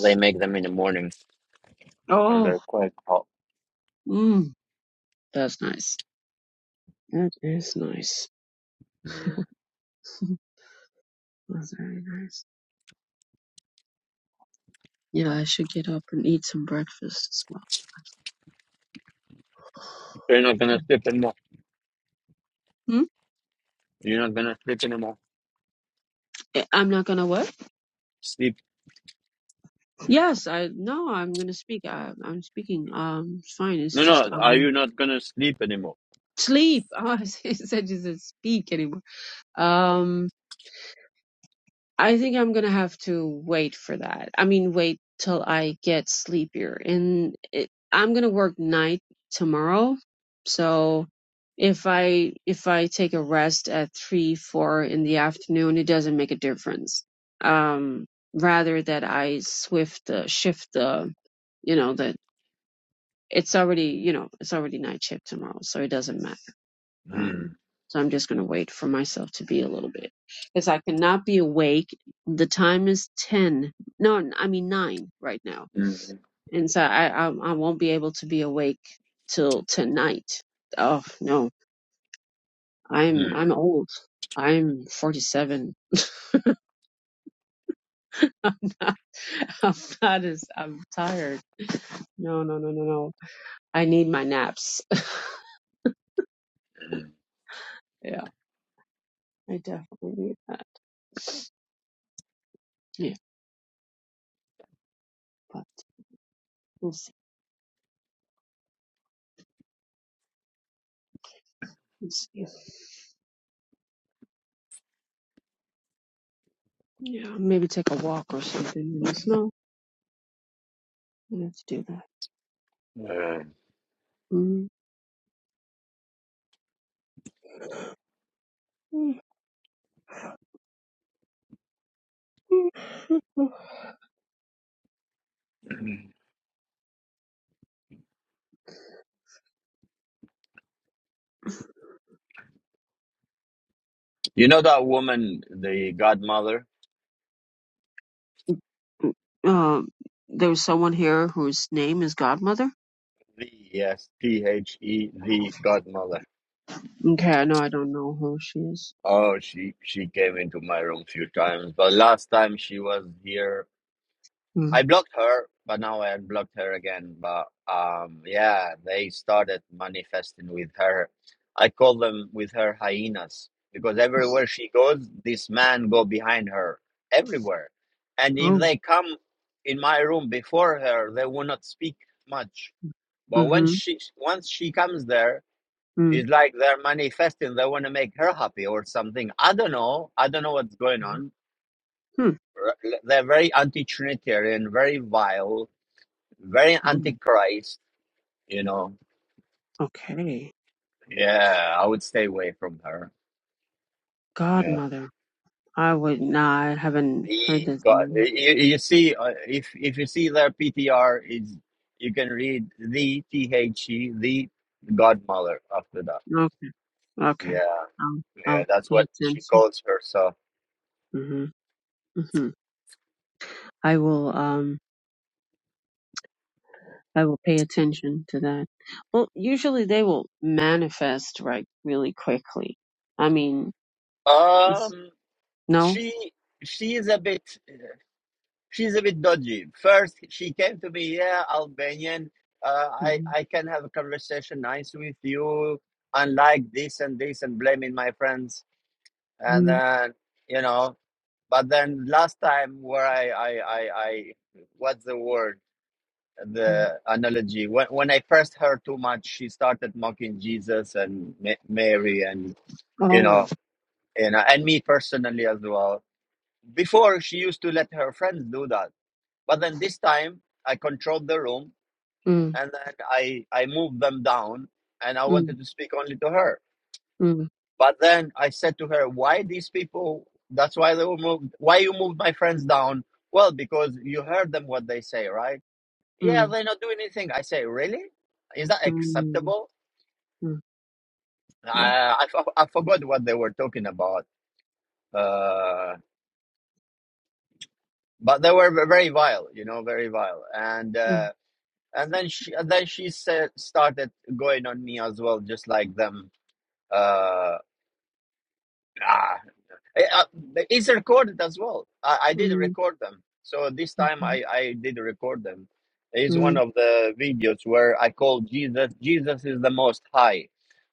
Speaker 1: They make them in the morning and
Speaker 2: Oh,
Speaker 1: they're quite hot.
Speaker 2: mm, that's nice. That is nice.
Speaker 1: Mm.
Speaker 2: That's very nice. Yeah, I should get up and eat some breakfast as well.
Speaker 1: You're not gonna sleep anymore.
Speaker 2: Hmm?
Speaker 1: You're not gonna sleep anymore.
Speaker 2: Eh, I'm not gonna what?
Speaker 1: Sleep.
Speaker 2: Yes, I no, I'm gonna speak. I, I'm speaking. Um, it's fine. It's
Speaker 1: No,
Speaker 2: just
Speaker 1: no. Are
Speaker 2: um
Speaker 1: you not gonna sleep anymore?
Speaker 2: sleep. Oh, I said you said speak anymore. Um. I think I'm gonna have to wait for that. I mean, wait till I get sleepier. And it, I'm gonna work night tomorrow, so if I if I take a rest at three four in the afternoon, it doesn't make a difference. Um, rather that I swift uh, shift the, you know that it's already you know it's already night shift tomorrow, so it doesn't matter. Um,
Speaker 1: Mm.
Speaker 2: so I'm just going to wait for myself to be a little bit because I cannot be awake. The time is 10. No, I mean 9 right now.
Speaker 1: Mm.
Speaker 2: And so I, I, I won't be able to be awake till tonight. Oh no, I'm,
Speaker 1: Mm.
Speaker 2: I'm old. I'm 47. I'm not as, I'm tired. No, no, no, no, no. I need my naps.
Speaker 1: Mm.
Speaker 2: yeah, I definitely need that. Yeah, but we'll see. We'll see. Yeah, maybe take a walk or something in the snow. Let's do that.
Speaker 1: Uh,
Speaker 2: Mm.
Speaker 1: you know that woman, the godmother.
Speaker 2: Um, there's someone here whose name is Godmother.
Speaker 1: The yes, T H E, the godmother.
Speaker 2: Okay, I know I don't know who she is.
Speaker 1: Oh, she she came into my room a few times, but last time she was here
Speaker 2: Mm.
Speaker 1: I blocked her, but now I unblocked her again. But um, yeah, they started manifesting with her. I call them with her hyenas because everywhere she goes, this man go behind her everywhere. And if
Speaker 2: Oh,
Speaker 1: they come in my room before her, they will not speak much. But when
Speaker 2: mm-hmm.
Speaker 1: she once she comes there,
Speaker 2: Mm.
Speaker 1: it's like they're manifesting. They want to make her happy or something. I don't know. I don't know what's going on.
Speaker 2: Hmm.
Speaker 1: R- They're very anti-Trinitarian, very vile very
Speaker 2: Oh,
Speaker 1: antichrist, you know.
Speaker 2: okay,
Speaker 1: Yeah, I would stay away from her. Yeah,
Speaker 2: Godmother. I would not. I haven't heard
Speaker 1: he
Speaker 2: this
Speaker 1: got you,
Speaker 2: name.
Speaker 1: you see uh, if if you see their PTR is you can read the T H E the godmother after that.
Speaker 2: Okay, okay.
Speaker 1: Yeah,
Speaker 2: I'll, I'll
Speaker 1: yeah, that's
Speaker 2: pay
Speaker 1: what she
Speaker 2: attention.
Speaker 1: calls herself.
Speaker 2: Mm-hmm. Mm-hmm. I will. Um. I will pay attention to that. Well, usually they will manifest right really quickly. I mean, it's,
Speaker 1: Um,
Speaker 2: no.
Speaker 1: she she is a bit. she's a bit dodgy. First, she came to me, yeah, Albanian. Uh, I
Speaker 2: mm
Speaker 1: I can have a conversation nice with you, unlike this and this, and blaming my friends, and
Speaker 2: mm
Speaker 1: then you know. But then last time, where I I I, I what's the word?
Speaker 2: mm.
Speaker 1: The analogy when when I first heard too much, she started mocking Jesus and Ma- Mary, and you
Speaker 2: Oh.
Speaker 1: know, you know, and me personally as well. Before she used to let her friends do that but then this time I controlled the room
Speaker 2: Mm,
Speaker 1: and then I, I moved them down and I
Speaker 2: mm,
Speaker 1: wanted to speak only to her.
Speaker 2: mm,
Speaker 1: But then I said to her, why these people, that's why they were moved, why you moved my friends down? Well, because you heard them what they say, right? Yeah,
Speaker 2: mm,
Speaker 1: they're not doing anything. I say, really? Is that
Speaker 2: mm,
Speaker 1: acceptable?
Speaker 2: mm.
Speaker 1: Uh,
Speaker 2: Yeah.
Speaker 1: I, I forgot what they were talking about. Uh, but they were very vile, you know, very vile. And, uh,
Speaker 2: Mm,
Speaker 1: and then she and then she said started going on me as well just like them uh ah, Eh, uh, it's recorded as well I, I did
Speaker 2: mm,
Speaker 1: record them so this time
Speaker 2: mm,
Speaker 1: i i did record them it's one
Speaker 2: mm.
Speaker 1: of the videos where i called jesus jesus is the most high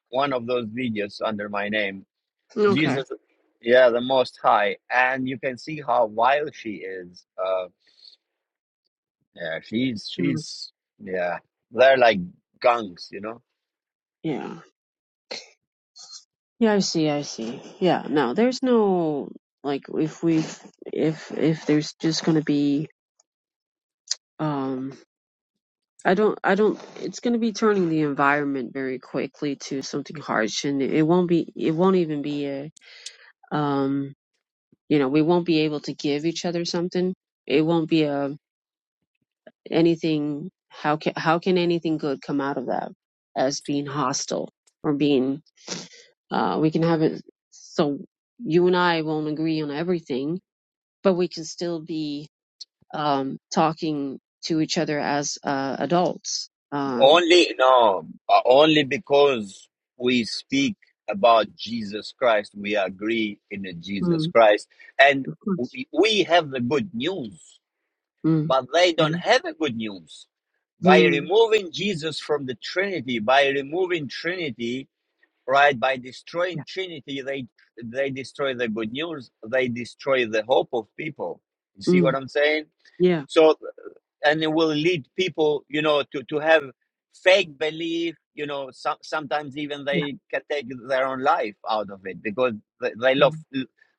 Speaker 1: one of those videos under my name
Speaker 2: Okay.
Speaker 1: jesus yeah the most high and you can see how wild she is uh yeah she's
Speaker 2: Mm,
Speaker 1: she's yeah they're like gunks you know
Speaker 2: Yeah. Yeah, I see. I see. Yeah. No, there's no like if we if if there's just gonna be um I don't, I don't, it's going to be turning the environment very quickly to something harsh and it won't be, it won't even be a, um, you know, we won't be able to give each other something. It won't be a, anything, how can, how can anything good come out of that as being hostile or being, uh, we can have it, so you and I won't agree on everything, but we can still be, um, talking to each other as, uh, adults. Uh,
Speaker 1: Only no, uh, only because we speak about Jesus Christ, we agree in the Jesus
Speaker 2: Mm,
Speaker 1: Christ, and
Speaker 2: of course.
Speaker 1: we we have the good news,
Speaker 2: Mm.
Speaker 1: but they don't
Speaker 2: Amen.
Speaker 1: have the good news. By
Speaker 2: Mm.
Speaker 1: removing Jesus from the Trinity, by removing Trinity, right, by
Speaker 2: Yeah.
Speaker 1: destroying Trinity, they they destroy the good news, they destroy the hope of people. You see
Speaker 2: Mm.
Speaker 1: what I'm saying?
Speaker 2: Yeah.
Speaker 1: So and it will lead people you know to, to have fake belief you know some, sometimes even
Speaker 2: Yeah.
Speaker 1: they can take their own life out of it because they, they love
Speaker 2: Mm.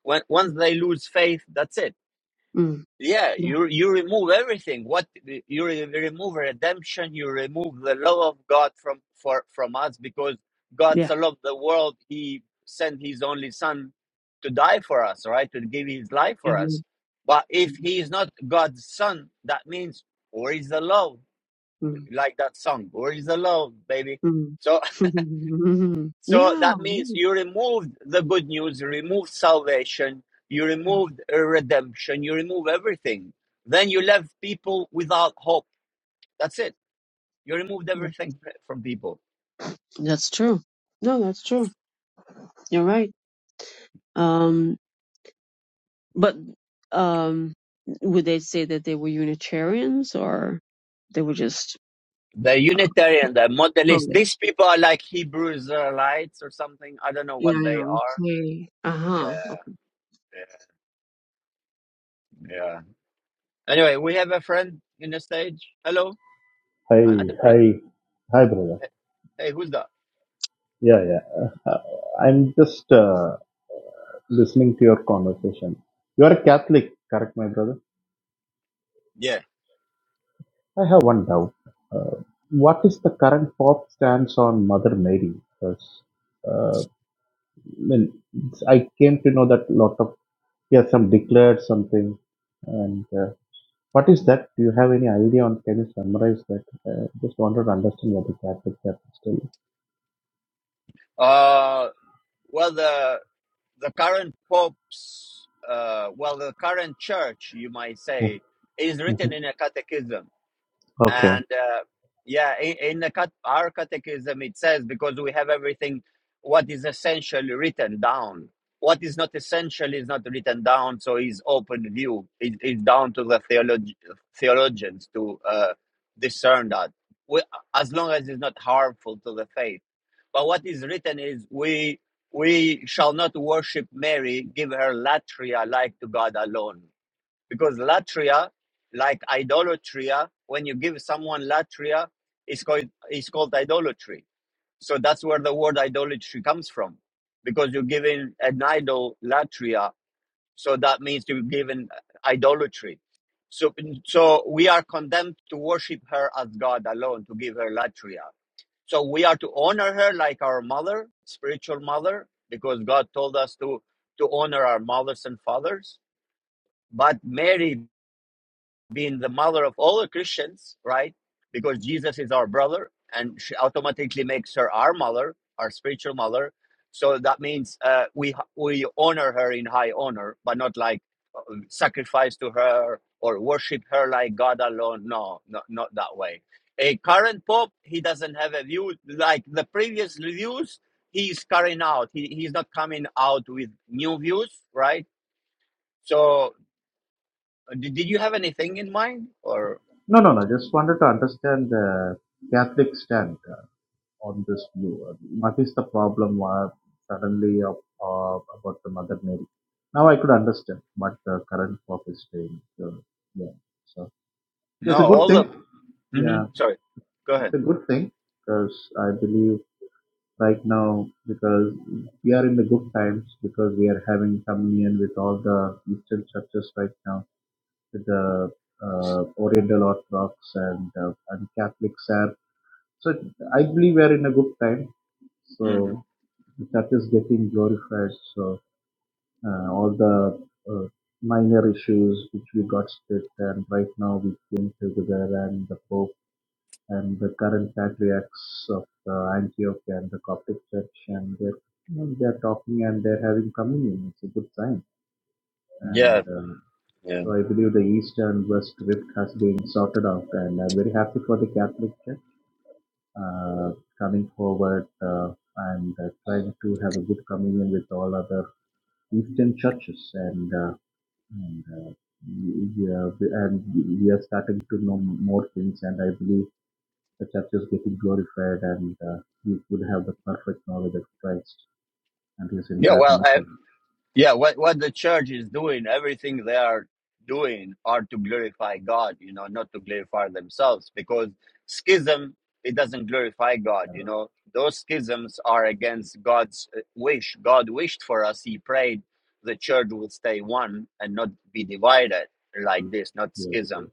Speaker 1: when, once they lose faith that's it
Speaker 2: Mm.
Speaker 1: yeah,
Speaker 2: Yeah.
Speaker 1: you you remove everything. What you re- remove redemption, you remove the love of God from for from us because God
Speaker 2: Yeah.
Speaker 1: so loved the world, He sent His only Son to die for us, right? To give His life for us.
Speaker 2: Amen.
Speaker 1: But if
Speaker 2: Amen.
Speaker 1: He is not God's Son, that means where is the love?
Speaker 2: Mm.
Speaker 1: Like that song, where is the love, baby?
Speaker 2: Mm.
Speaker 1: So.
Speaker 2: Mhm.
Speaker 1: So
Speaker 2: yeah.
Speaker 1: that means
Speaker 2: no,
Speaker 1: you removed the good news, you removed salvation, you removed uh, redemption, you remove everything. Then you left people without hope. That's it. You removed
Speaker 2: yeah.
Speaker 1: everything from people.
Speaker 2: That's true. No, that's true. You're right. Um, but um, would they say that they were Unitarians or they were just
Speaker 1: The
Speaker 2: uh,
Speaker 1: Unitarian, the
Speaker 2: pro?
Speaker 1: Modalist, these people are like Hebrew Israelites or something. I don't know
Speaker 2: Yeah.
Speaker 1: what they
Speaker 2: Yeah.
Speaker 1: are.
Speaker 2: Okay. Uh huh.
Speaker 1: Yeah, yeah, yeah. Anyway, we have a friend in the stage. Hello.
Speaker 3: Hi,
Speaker 1: I, I don't. re-
Speaker 3: hi, hi, brother.
Speaker 1: eh, Hey, who's that?
Speaker 3: Yeah, yeah. Uh, I'm just uh, listening to your conversation. You are a Catholic, correct, my brother?
Speaker 1: Yeah.
Speaker 3: I have one doubt. Uh, what is the current Pope stance on Mother Mary? Because uh, I mean, it's- I came to know that lot of he has some declared something, and uh, what is that? Do you have any idea on? Can you summarize that? Uh, just wanted to understand what the Catholics are still.
Speaker 1: Uh, well, the the current pope's, uh, well, the current church, you might say, is written
Speaker 3: Mhm.
Speaker 1: in a catechism.
Speaker 3: Okay.
Speaker 1: And uh, yeah, in, in the cat- our catechism, it says because we have everything what is essentially written down. What is not essential is not written down, so is open view. It is down to the theolog- theologians to uh, discern that, we, as long as it's not harmful to the faith but what is written is we we shall not worship Mary, give her latria like to God alone. Because latria, like idolatria, when you give someone latria, it's called it's called idolatry. So that's where the word idolatry comes from. Because you're giving an idol latria so that means to be given uh, idolatry. So, so we are condemned to worship her as God alone, to give her latria. So we are to honor her like our mother, spiritual mother, because God told us to, to honor our mothers and fathers. But Mary, being the mother of all the Christians, right? Because Jesus is our brother, and she automatically makes her our mother, our spiritual mother. So that means uh, we we honor her in high honor, but not like sacrifice to her or worship her like God alone. No, no not that way. A current pope, he doesn't have a view like the previous views he's carrying out. He, he's not coming out with new views, right? So, did, did you have anything in mind or
Speaker 3: No, no, no. Just wanted to understand the Catholic stand uh, on this view. Uh, What is the problem uh, suddenly of, uh, about the Mother Mary? Now I could understand what the current Pope is doing. So, yeah. So
Speaker 1: no?
Speaker 3: it's a good
Speaker 1: All the.
Speaker 3: thing.
Speaker 1: hmm
Speaker 3: Yeah,
Speaker 1: sorry, go
Speaker 3: it's
Speaker 1: ahead.
Speaker 3: a good thing because I believe right now because we are in the good times because we are having communion with all the Eastern churches right now the uh, Oriental Orthodox and, uh, and Catholics are. So I believe we are in a good time.
Speaker 1: hmm
Speaker 3: So the church is getting glorified. So uh, all the uh, minor issues which we got split, and right now we came together, and the Pope and the current patriarchs of uh, Antioch and the Coptic Church, and they're you know, they're talking and they're having communion. It's a good sign and
Speaker 1: Yeah,
Speaker 3: um,
Speaker 1: yeah.
Speaker 3: so I believe the East and West Rift has been sorted out, and I'm very happy for the Catholic Church uh, coming forward uh, and uh, trying to have a good communion with all other Eastern churches, and uh, and uh, we are, and we are starting to know more things, and I believe the church is getting glorified, and uh, we would have the perfect knowledge of Christ and His
Speaker 1: Yeah, well, I,
Speaker 3: incarnation.
Speaker 1: Yeah, what what the church is doing, everything they are doing are to glorify God, you know, not to glorify themselves because schism it doesn't glorify God, you know. Those schisms are against God's uh, wish. God wished for us. He prayed the church would stay one and not be divided like this, not
Speaker 3: Yes,
Speaker 1: schism.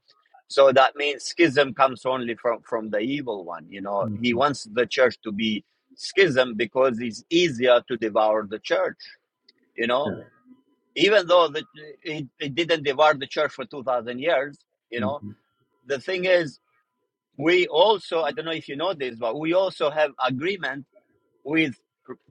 Speaker 1: So that means schism comes only from from the evil one, you know.
Speaker 3: yes.
Speaker 1: He wants the church to be schism because it's easier to devour the church, you know even though the, it, it didn't devour the church for 2000 years you
Speaker 3: hmm
Speaker 1: know the thing is we also i don't know if you know this but we also have agreement with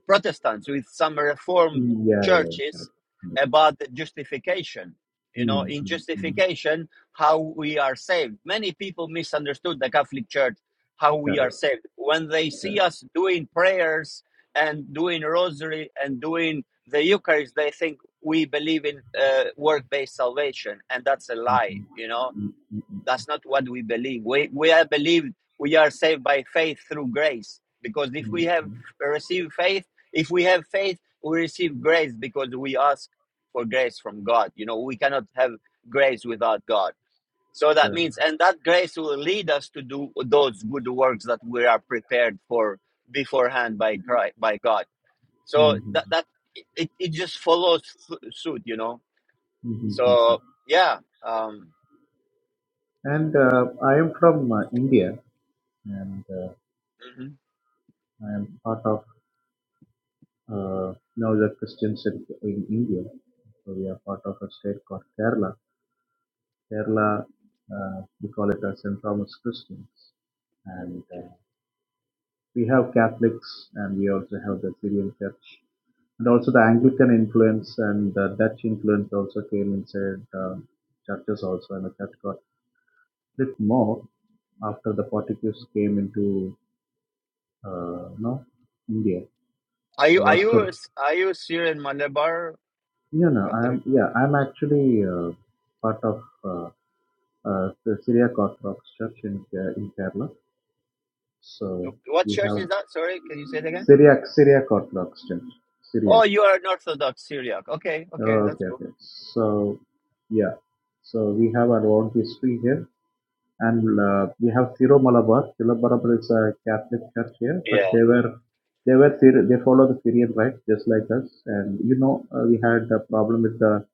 Speaker 1: Protestants, with some Reformed
Speaker 3: Yeah, yeah,
Speaker 1: churches
Speaker 3: correct. Understood.
Speaker 1: about justification. You know,
Speaker 3: Mm,
Speaker 1: in
Speaker 3: mm, mm.
Speaker 1: justification, how we are saved. Many people misunderstood the Catholic Church, how we are
Speaker 3: Correct,
Speaker 1: saved. When they see
Speaker 3: correct.
Speaker 1: us doing prayers and doing rosary and doing the Eucharist, they think we believe in uh, work based salvation, and that's a lie,
Speaker 3: Mhm.
Speaker 1: you know
Speaker 3: Mm, mm, mm,
Speaker 1: that's not what we believe. We, we have believed we are saved by faith through grace. Because if
Speaker 3: mm.
Speaker 1: we have received faith, if we have faith, we receive grace because we ask for grace from God. You know, we cannot have grace without God. So that
Speaker 3: Correct.
Speaker 1: means, and that grace will lead us to do those good works that we are prepared for beforehand by Christ, by God. So
Speaker 3: Mhm,
Speaker 1: that, that it, it just follows suit, you know.
Speaker 3: mhm, mhm, mhm.
Speaker 1: So yeah, um,
Speaker 3: And uh, I am from uh, India, and uh,
Speaker 1: mm-hmm.
Speaker 3: I am part of uh, now the Christian Church in India. So we are part of a state called Kerala. Kerala, uh, we call it as St. Thomas Christians, and uh, we have Catholics, and we also have the Syrian Church And also the Anglican influence and the Dutch influence also came inside uh, churches also, and the church got split more after the Portuguese came into uh, no India.
Speaker 1: Are
Speaker 3: Uh,
Speaker 1: you are you a,
Speaker 3: Vasco.
Speaker 1: S- are you a Syrian Malabar
Speaker 3: No, no, I
Speaker 1: Catholic?
Speaker 3: am yeah, I am actually uh, part of uh, uh, the Syriac Orthodox Church in Ke- in Kerala. So
Speaker 1: No. What
Speaker 3: we
Speaker 1: church
Speaker 3: have
Speaker 1: is that? Sorry, can you say it again?
Speaker 3: Syriac Syriac Orthodox Church, Syriac.
Speaker 1: Oh, you are an Orthodox Syriac. Okay, okay,
Speaker 3: Oh,
Speaker 1: that's
Speaker 3: okay,
Speaker 1: cool.
Speaker 3: okay. So yeah, so we have our own history here And uh, we have Siro Malabar. Siro Malabar is a Catholic church here,
Speaker 1: Yeah.
Speaker 3: but they were they were Syri- they follow the Syrian rites just like us. And you know, uh, we had a problem with the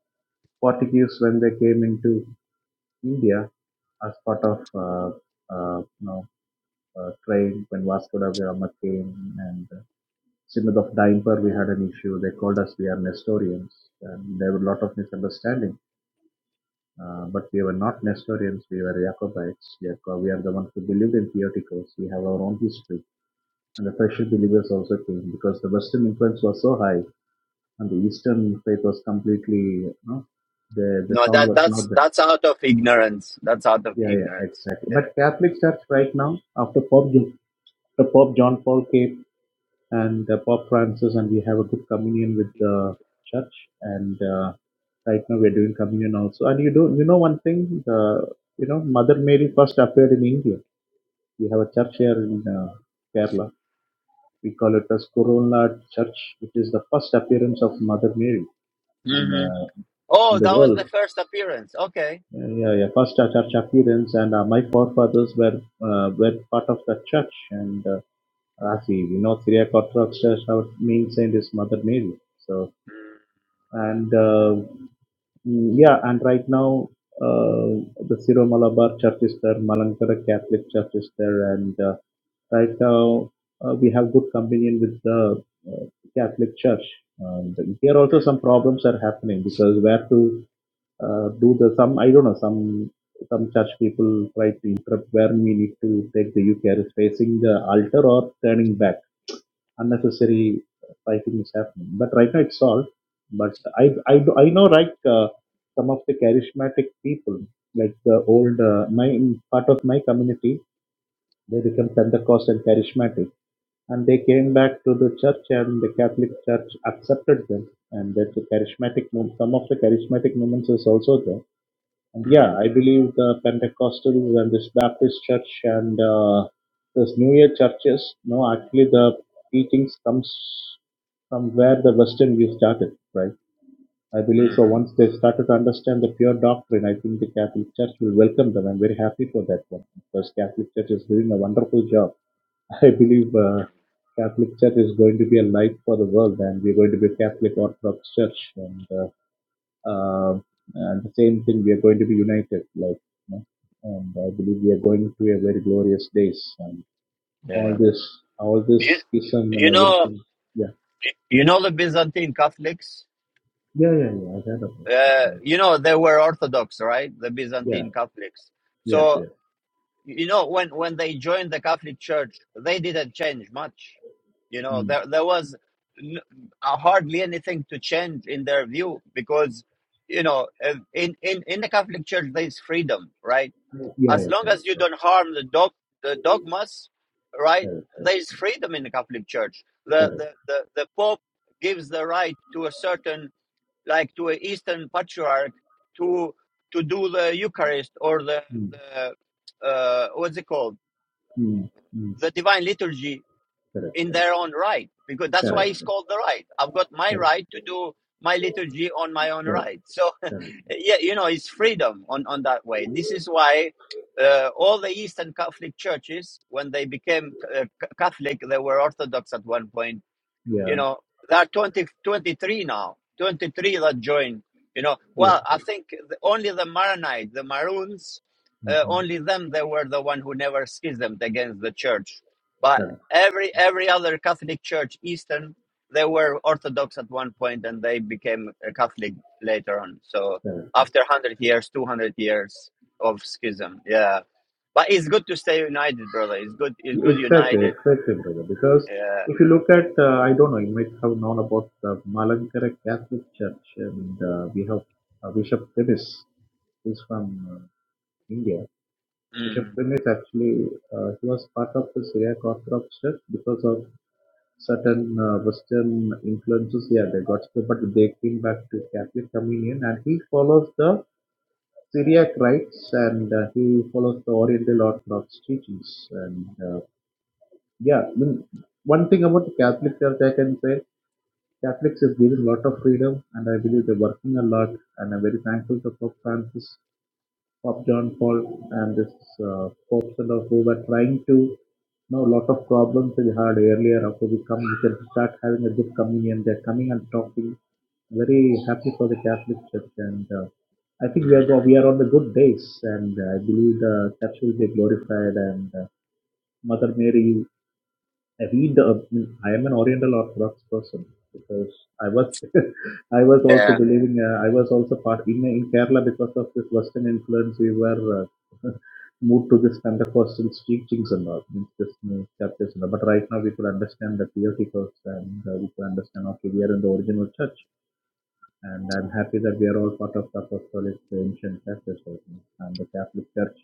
Speaker 3: Portuguese when they came into India as part of uh, uh, you know uh, trade when Vasco da Gama came and uh, Synod of Dimper. We had an issue. They called us we are Nestorians, and there were a lot of misunderstanding. Uh, but we were not Nestorians, we were Jacobites. Jacob, we are the ones who believed in Theotokos. We have our own history. And the Persian believers also came because the Western influence was so high and the Eastern faith was completely, you know, the, the
Speaker 1: No,
Speaker 3: sound
Speaker 1: that
Speaker 3: was not
Speaker 1: that's
Speaker 3: there.
Speaker 1: that's out of ignorance. That's out of
Speaker 3: Yeah, yeah,
Speaker 1: ignorance.
Speaker 3: exactly. But Catholic Church right now, after Pope, Jo- after Pope John Paul came and uh, Pope Francis, and we have a good communion with the church. And uh, right now we're doing communion also. And you do, you know, one thing, the you know, Mother Mary first appeared in India. We have a church here in uh, Kerala. We call it as Kurunla Church, which is the first appearance of Mother Mary in
Speaker 1: hmm
Speaker 3: uh, in
Speaker 1: Oh,
Speaker 3: the
Speaker 1: that was the
Speaker 3: world.
Speaker 1: first appearance. Okay.
Speaker 3: Yeah, yeah, yeah. First uh, church appearance, and uh, my forefathers were uh, were part of that church. And uh, as we we know, Syriac Orthodox Church, our main saint is Mother Mary. So and uh, mm, yeah, and right now uh, the Siro Malabar Church is there, Malankara Catholic Church is there, and uh, right now uh, we have good communion with the uh, Catholic Church. And here also some problems are happening because where to uh, do the some I don't know some some church people try to interrupt where we need to take the Eucharist facing the altar or turning back unnecessary fighting is happening. But right now it's solved. But I I do- I know like uh, some of the charismatic people, like the old uh, my part of my community, they become Pentecostal charismatic, and they came back to the church, and the Catholic Church accepted them, and that's a charismatic move. Some of the charismatic movements is also there and Yeah,
Speaker 1: mm
Speaker 3: I believe the Pentecostals and this Baptist church and uh, this New Year churches, no, actually the teachings comes from where the Western view started, right? I believe so.
Speaker 1: mm
Speaker 3: Once they started to understand the pure doctrine, I think the Catholic Church will welcome them. I'm very happy for that one because Catholic Church is doing a wonderful job. I believe uh, Catholic Church is going to be a light for the world, and we're going to be a Catholic Orthodox Church, and uh, uh, and the same thing, we are going to be united, like, you know, and I believe we are going to a very glorious days. And all
Speaker 1: Yeah.
Speaker 3: this, all
Speaker 1: You,
Speaker 3: this schism and
Speaker 1: you know
Speaker 3: everything. Yeah,
Speaker 1: you know the Byzantine Catholics.
Speaker 3: yeah, yeah, yeah. I heard about it.
Speaker 1: Uh,
Speaker 3: Yes.
Speaker 1: you know they were Orthodox, right? The
Speaker 3: Yeah,
Speaker 1: Byzantine Catholics.
Speaker 3: yes,
Speaker 1: So
Speaker 3: yes.
Speaker 1: you know when when they joined the catholic church they didn't change much you know
Speaker 3: Mm.
Speaker 1: there there was n- uh, hardly anything to change in their view because you know uh, in in in the catholic church there's freedom right
Speaker 3: Yeah,
Speaker 1: as
Speaker 3: yeah,
Speaker 1: long
Speaker 3: correct,
Speaker 1: as you
Speaker 3: correct,
Speaker 1: don't harm the dog the dogmas right
Speaker 3: correct,
Speaker 1: there's freedom in the catholic church the
Speaker 3: correct, correct.
Speaker 1: the the, the pope gives the right to a certain like to an Eastern patriarch to to do the Eucharist or the
Speaker 3: Mm.
Speaker 1: the uh, what's it called
Speaker 3: Mm. Mm.
Speaker 1: the Divine Liturgy
Speaker 3: Correct,
Speaker 1: in
Speaker 3: correct,
Speaker 1: their own right because that's why
Speaker 3: correct,
Speaker 1: it's
Speaker 3: correct,
Speaker 1: called the right. I've got my
Speaker 3: correct,
Speaker 1: right to do my liturgy on my own
Speaker 3: correct.
Speaker 1: right. So
Speaker 3: correct.
Speaker 1: yeah, you know it's freedom on on that way. This is why. Uh, all the Eastern Catholic churches, when they became uh, Catholic, they were Orthodox at one point you
Speaker 3: Yeah,
Speaker 1: know, there are 20, 23 now, 23 that joined. you know.
Speaker 3: yes,
Speaker 1: Well, I
Speaker 3: yes.
Speaker 1: think the, only the Maronites, the Maroons, uh,
Speaker 3: Mm-hmm.
Speaker 1: only them, they were the one who never schismed against the church. But
Speaker 3: Correct,
Speaker 1: every every other Catholic church, Eastern, they were Orthodox at one point and they became a Catholic later on. So
Speaker 3: correct.
Speaker 1: after 100 years, 200 years of schism, yeah. But it's good to stay united, brother. It's good. It's good
Speaker 3: Exactly,
Speaker 1: united.
Speaker 3: exactly, brother. Because
Speaker 1: Yeah.
Speaker 3: if you look at, uh, I don't know, you might have known about the Malankara Catholic Church, and uh, we have uh, Bishop Demis, who's from uh, India. Bishop
Speaker 1: Mm.
Speaker 3: Demis actually, uh, he was part of the Syriac Orthodox Church because of certain uh, Western influences. Yeah, they got split, but they came back to Catholic communion, and he follows the Syriac rites and uh, he follows the Oriental Orthodox teachings and. Uh, yeah, I mean, one thing about the Catholic Church, I can say Catholics is given a lot of freedom, and I believe they're working a lot. And I'm very thankful to Pope Francis, Pope John Paul, and this uh, popes and all who were trying to. Now, a lot of problems we had earlier. After we come, we can start having a good communion. They're coming and talking. Very happy for the Catholic Church, and uh, I think we
Speaker 1: Mm.
Speaker 3: are go- we are on the good days, and I believe the Church will be glorified and. Uh, Mother Mary I read the. I mean, I am an Oriental Orthodox person because I was, I was also
Speaker 1: Yeah.
Speaker 3: believing. Uh, I was also part in in Kerala because of this Western influence. We were uh, moved to this Pentecostal teachings and all means this new churches. And all. But right now we could understand the theoreticals and uh, we could understand. Okay, we are in the original church, and I'm happy that we are all part of the Apostolic uh, ancient churches right now. and the Catholic Church.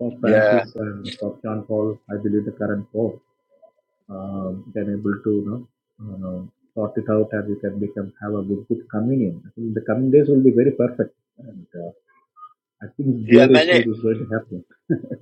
Speaker 3: Pope
Speaker 1: Yeah.
Speaker 3: Francis and Pope John Paul, I believe the current Pope um, then able to you know uh, sort it out and you can become have a good, good communion. I think the coming days will be very perfect, and uh, I think
Speaker 1: Yeah,
Speaker 3: glorious
Speaker 1: many
Speaker 3: days is going to happen.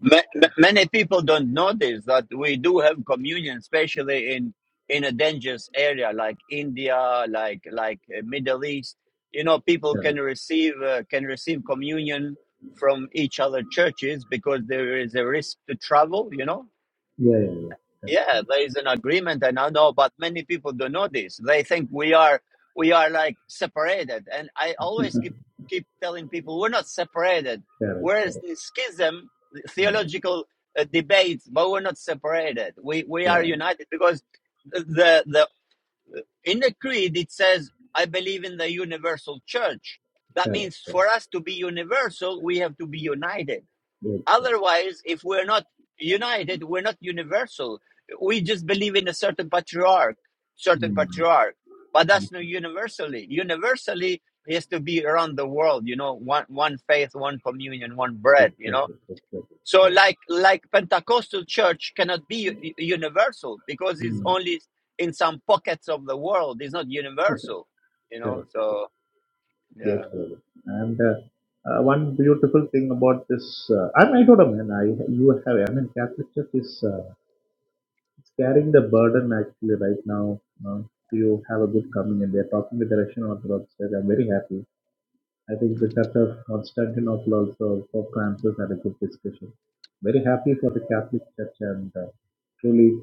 Speaker 1: ma- ma- many people don't notice that we do have communion, especially in in a dangerous area like India, like like uh, Middle East. You know, people can
Speaker 3: Correct.
Speaker 1: receive uh, can receive communion from each other churches because there is a risk to travel. You know,
Speaker 3: Yeah, yeah, yeah. Correct, yeah.
Speaker 1: yeah, there is an agreement, and I know, but many people don't know this. They think we are we are like separated, and I always keep keep telling people we're not separated.
Speaker 3: correct,
Speaker 1: We're
Speaker 3: correct.
Speaker 1: in schism,
Speaker 3: Yeah,
Speaker 1: theological uh, debates, but we're not separated. We we are
Speaker 3: yeah,
Speaker 1: united because the the in the creed it says I believe in the universal church. That
Speaker 3: correct,
Speaker 1: means
Speaker 3: correct.
Speaker 1: for us to be universal, we have to be united
Speaker 3: Yes, correct.
Speaker 1: Otherwise, if we're not united, we're not universal. We just believe in a certain patriarch, certain
Speaker 3: Hmm.
Speaker 1: patriarch, but
Speaker 3: hmm.
Speaker 1: that's not universally. Universally it has to be around the world, you know, one one faith, one communion, one bread, you know.
Speaker 3: Exactly, exactly,
Speaker 1: So
Speaker 3: correct.
Speaker 1: like like Pentecostal church cannot be u- universal because it's
Speaker 3: Hmm.
Speaker 1: only in some pockets of the world. It's not universal, you know.
Speaker 3: correct.
Speaker 1: So
Speaker 3: Yes,
Speaker 1: yeah,
Speaker 3: brother. And uh, uh, one beautiful thing about this, uh, I'm, I don't know, man. I you have, I mean, Catholic Church is. uh, It's carrying the burden actually right now uh, to have a good coming and they're talking with the Russian Orthodox Church. I'm very happy. I think the Church of Constantinople also, Pope Francis had a good discussion. Very happy for the Catholic Church and uh, truly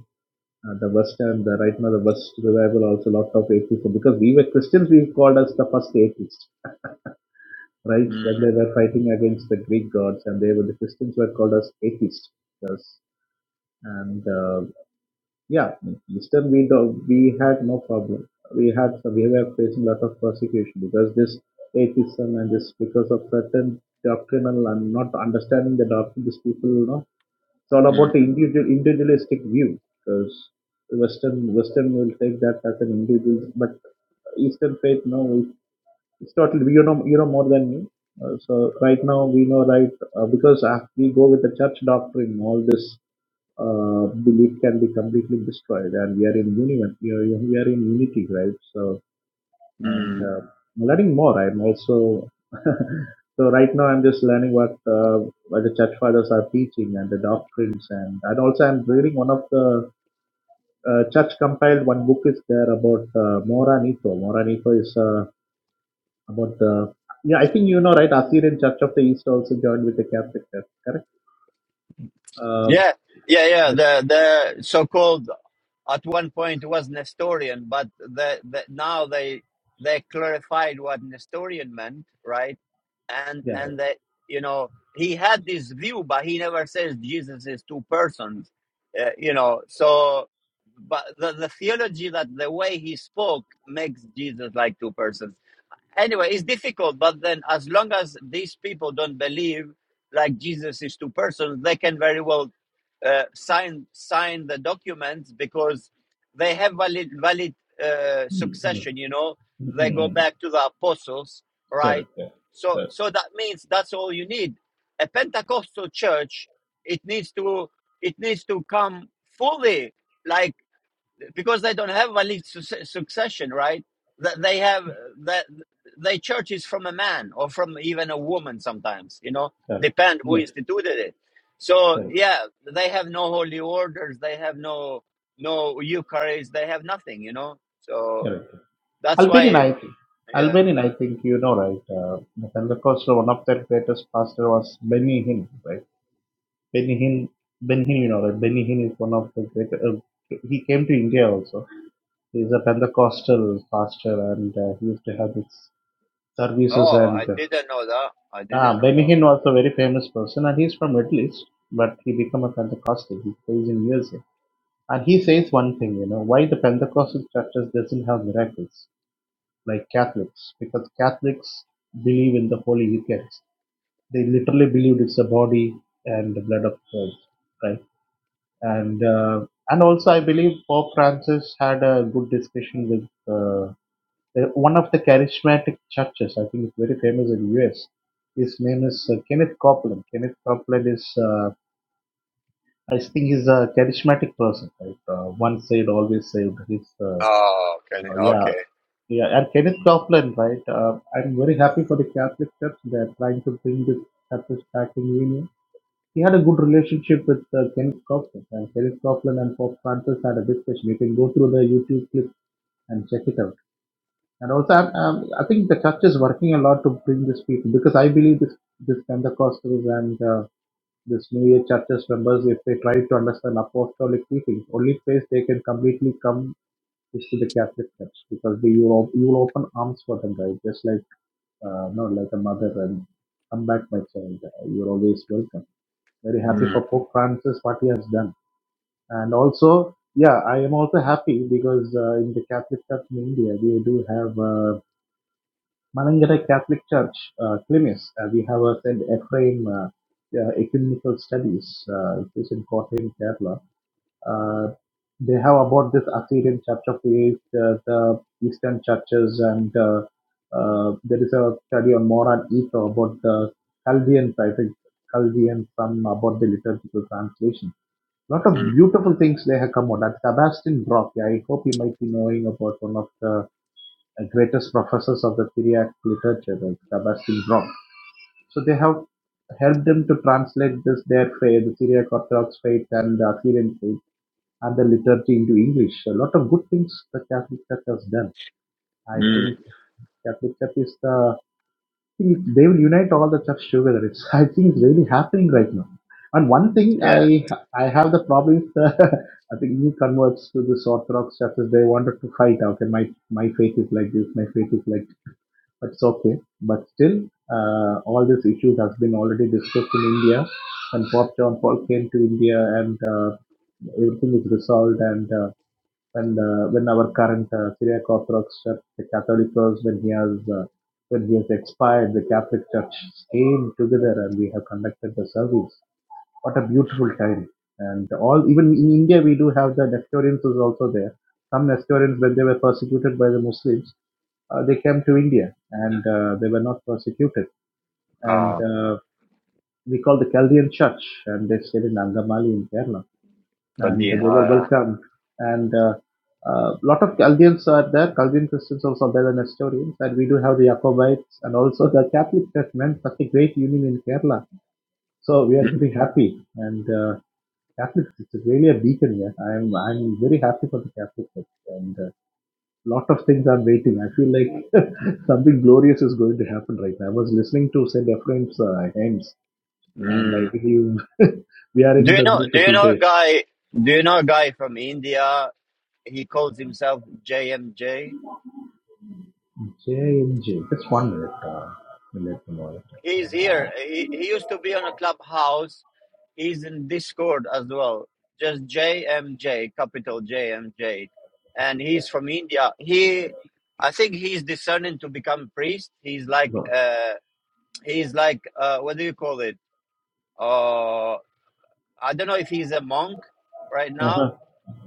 Speaker 3: uh, the West and the, right now the West revival also lot of atheists because we were Christians, we called us the first atheists, right?
Speaker 1: mm,
Speaker 3: When they were fighting against the Greek gods and they were the Christians were called as atheists. Yes. and. uh, Yeah, Easter we do, we had no problem. We had we were facing a lot of persecution because this atheism and this because of certain doctrinal and not understanding the doctrine. These people, you know, it's all
Speaker 1: mm,
Speaker 3: about the individual individualistic view because Western Western will take that as an individual, but Eastern faith no, it- it's totally you know you know more than me. Uh, so right now we know right uh, because uh, we go with the church doctrine all this uh, belief can be completely destroyed. And we are in unity. We are we are in unity, right? So and
Speaker 1: mm.
Speaker 3: uh, I'm learning more. I'm also so right now. I'm just learning what uh, what the church fathers are teaching and the doctrines, and and also I'm reading one of the uh, church compiled one book is there about uh, Moranito. Moranito is uh, about the yeah. I think you know, right? Assyrian Church of the East also joined with the Catholic Church, correct? Uh,
Speaker 1: yeah, yeah, yeah.
Speaker 3: yes.
Speaker 1: The the so called at one point was Nestorian, but the, the now they they clarified what Nestorian meant, right? And
Speaker 3: Yeah.
Speaker 1: and that you know he had this view, but he never says Jesus is two persons, uh, you know. So, but the, the theology that the way he spoke makes Jesus like two persons anyway, it's difficult, but then as long as these people don't believe like Jesus is two persons, they can very well uh, sign sign the documents because they have valid valid uh,
Speaker 3: Mm, mm,
Speaker 1: succession. You know,
Speaker 3: mm,
Speaker 1: they
Speaker 3: mm,
Speaker 1: go
Speaker 3: mm.
Speaker 1: back to the apostles,
Speaker 3: correct,
Speaker 1: right?
Speaker 3: correct,
Speaker 1: So
Speaker 3: correct,
Speaker 1: so that means that's all you need. A Pentecostal church, it needs to it needs to come fully. Like because they don't have Wali su- succession, right? That they have that they church is from a man or from even a woman sometimes, you know,
Speaker 3: correct.
Speaker 1: depend who
Speaker 3: Yeah,
Speaker 1: instituted it. So
Speaker 3: correct,
Speaker 1: yeah, they have no holy orders, they have no no Eucharist, they have nothing, you know. So
Speaker 3: correct.
Speaker 1: that's
Speaker 3: Albanian,
Speaker 1: why,
Speaker 3: I think.
Speaker 1: yeah.
Speaker 3: Albanian, I think you know, right? Uh, and of course, one of their greatest pastor was Benny Hinn, right? Benny Hinn, Benny Hinn, you know, right? Benny Hinn is one of the great. Uh, he came to India also. He's a Pentecostal pastor, and uh, he used to have his services.
Speaker 1: Oh,
Speaker 3: And
Speaker 1: I
Speaker 3: uh,
Speaker 1: didn't know that. I didn't
Speaker 3: ah,
Speaker 1: know
Speaker 3: Benny
Speaker 1: that.
Speaker 3: Hinn was a very famous person, and he's from Middle East, but he became a Pentecostal. He plays in USA And he says one thing, you know, why the Pentecostal churches doesn't have miracles like Catholics, because Catholics believe in the Holy Eucharist. They literally believed it's the body and the blood of Christ, right? And uh, and also, I believe Pope Francis had a good discussion with uh, the- one of the charismatic churches. I think it's very famous in the US. His name is uh, Kenneth Copeland. Kenneth Copeland is, uh, I think, he's a charismatic person, right? Uh, one saved, always saved. His uh,
Speaker 1: Oh, okay,
Speaker 3: Oh, yeah,
Speaker 1: okay.
Speaker 3: yeah, and Kenneth Copeland, right? Uh, I'm very happy for the Catholic Church. They're trying to bring this churches back in union. He had a good relationship with uh, Kenneth Copeland, and Kenneth Copeland and Pope Francis had a discussion. You can go through the YouTube clip and check it out. And also, I'm, I'm, I think the church is working a lot to bring these people because I believe this this Pentecostals and uh, this New Age churches members, if they try to understand apostolic teachings, only place they can completely come is to the Catholic Church because they you will, you will open arms for them, right? Just like uh, no, like a mother and come back, my child. Uh, You're always welcome. Very happy
Speaker 1: Mm,
Speaker 3: for Pope Francis what he has done, and also yeah, I am also happy because uh, in the Catholic Church in India we do have. uh, Malangarai Catholic Church, uh, Klimis. Uh, we have a St. Ephraim uh, uh, Ecumenical Studies, uh, which is in Kottayam, Kerala. Uh, they have about this Assyrian Church of the East, uh, the Eastern churches, and uh, uh, there is a study on Moran Etho about the Chaldeans, I think, Chaldeans, some about the liturgical translation. A lot of
Speaker 1: mm,
Speaker 3: beautiful things they have come out. That's Sebastian Brock. Yeah, I hope you might be knowing about one of the greatest professors of the Syriac literature, like Sebastian Brock. So they have helped them to translate this their faith, the Syriac Orthodox faith and the Assyrian faith and the liturgy into English. A lot of good things the Catholic Church has done. I
Speaker 1: mm.
Speaker 3: think Catholic Church is the they will unite all the church together. It's I think it's really happening right now. And one thing
Speaker 1: Yeah.
Speaker 3: I I have the problem is the, I think new converts to this Orthodox churches they wanted to fight. Okay, my my faith is like this, my faith is like it's okay, but still, uh, all these issues has been already discussed in India, and Pope John Paul came to India, and uh, everything is resolved. And uh, and uh, when our current uh, Syriac Orthodox Church, the Catholic Church, when he has uh, when he has expired, the Catholic Church came together, and we have conducted the service what a beautiful time and all even in india we do have the nestorians is also there some nestorians when they were persecuted by the muslims uh, they came to india and uh, they were not persecuted and
Speaker 1: Oh,
Speaker 3: uh, we call the chaldean church and they stayed in angamali in kerala
Speaker 1: but,
Speaker 3: and
Speaker 1: you
Speaker 3: they were
Speaker 1: know, uh,
Speaker 3: welcomed and a uh, uh, lot of Chaldeans are there, Chaldean Christians also are there, and Nestorians, and we do have the Jacobites and also the Catholic Church meant such a great union in Kerala. So we are
Speaker 1: mm,
Speaker 3: very happy, and Catholics, it's really a beacon here. I'm I'm very happy for the Catholic Church, and a uh, lot of things are waiting. I feel like something glorious is going to happen right now. I was listening to Saint Ephraim's uh, hymns, and
Speaker 1: mm.
Speaker 3: I believe we are
Speaker 1: Do
Speaker 3: in
Speaker 1: you
Speaker 3: the
Speaker 1: know? Do you
Speaker 3: beautiful
Speaker 1: know a
Speaker 3: days.
Speaker 1: guy? Do you know a guy from India? He calls himself JMJ.
Speaker 3: J and J, just one minute. Uh, let me know
Speaker 1: He's here. He, he used to be on a clubhouse. He's in Discord as well. Just JMJ, capital JMJ, and he's from India. He, I think he's discerning to become priest. He's like,
Speaker 3: No.
Speaker 1: uh, he's like, uh, what do you call it? Uh, I don't know if he's a monk right now,
Speaker 3: Uh-huh.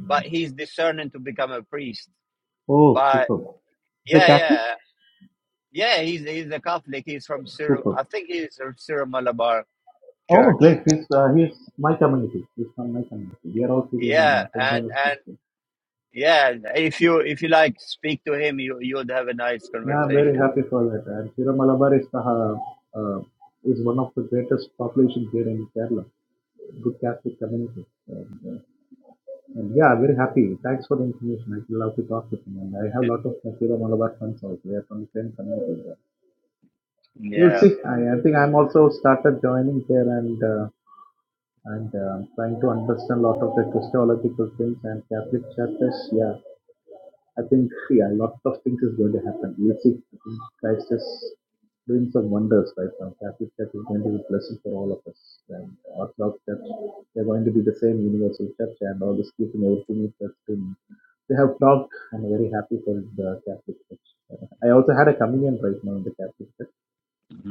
Speaker 1: but he's discerning to become a priest.
Speaker 3: Oh,
Speaker 1: But
Speaker 3: superb. Is he
Speaker 1: Yeah,
Speaker 3: Catholic?
Speaker 1: yeah, yeah. He's he's a Catholic. He's from Cyril.
Speaker 3: Superb.
Speaker 1: I think he's from Cyril Malabar
Speaker 3: Oh, great.
Speaker 1: Church.
Speaker 3: He's uh, he's my community. He's from my community. We are also in
Speaker 1: Yeah,
Speaker 3: uh, St.
Speaker 1: and
Speaker 3: Thomas
Speaker 1: and
Speaker 3: Christian.
Speaker 1: yeah. If you if you like speak to him, you you'd have a nice
Speaker 3: Yeah, I'm very
Speaker 1: conversation.
Speaker 3: happy for that. And Kira Malabar is, the, uh, uh, is one of the greatest populations here in Kerala. Good Catholic community. Uh, And yeah, I'm very happy. Thanks for the information. i love to talk with you. And I have a lot of my Kira Malabar friends also. We are from the same community. You'll
Speaker 1: Yeah.
Speaker 3: see. I, I think I'm also started joining there and uh, and uh, trying to understand a lot of the Christological things and Catholic churches. Yeah, I think, yeah, lots of things is going to happen. We'll see. I think Christ is doing some wonders right now. Catholic Church is going to be a blessing for all of us. And Orthodox Church, they're going to be the same universal church and all this keeping everything is just in. They have talked. I'm very happy for the Catholic Church. Uh, I also had a communion right now in the Catholic Church.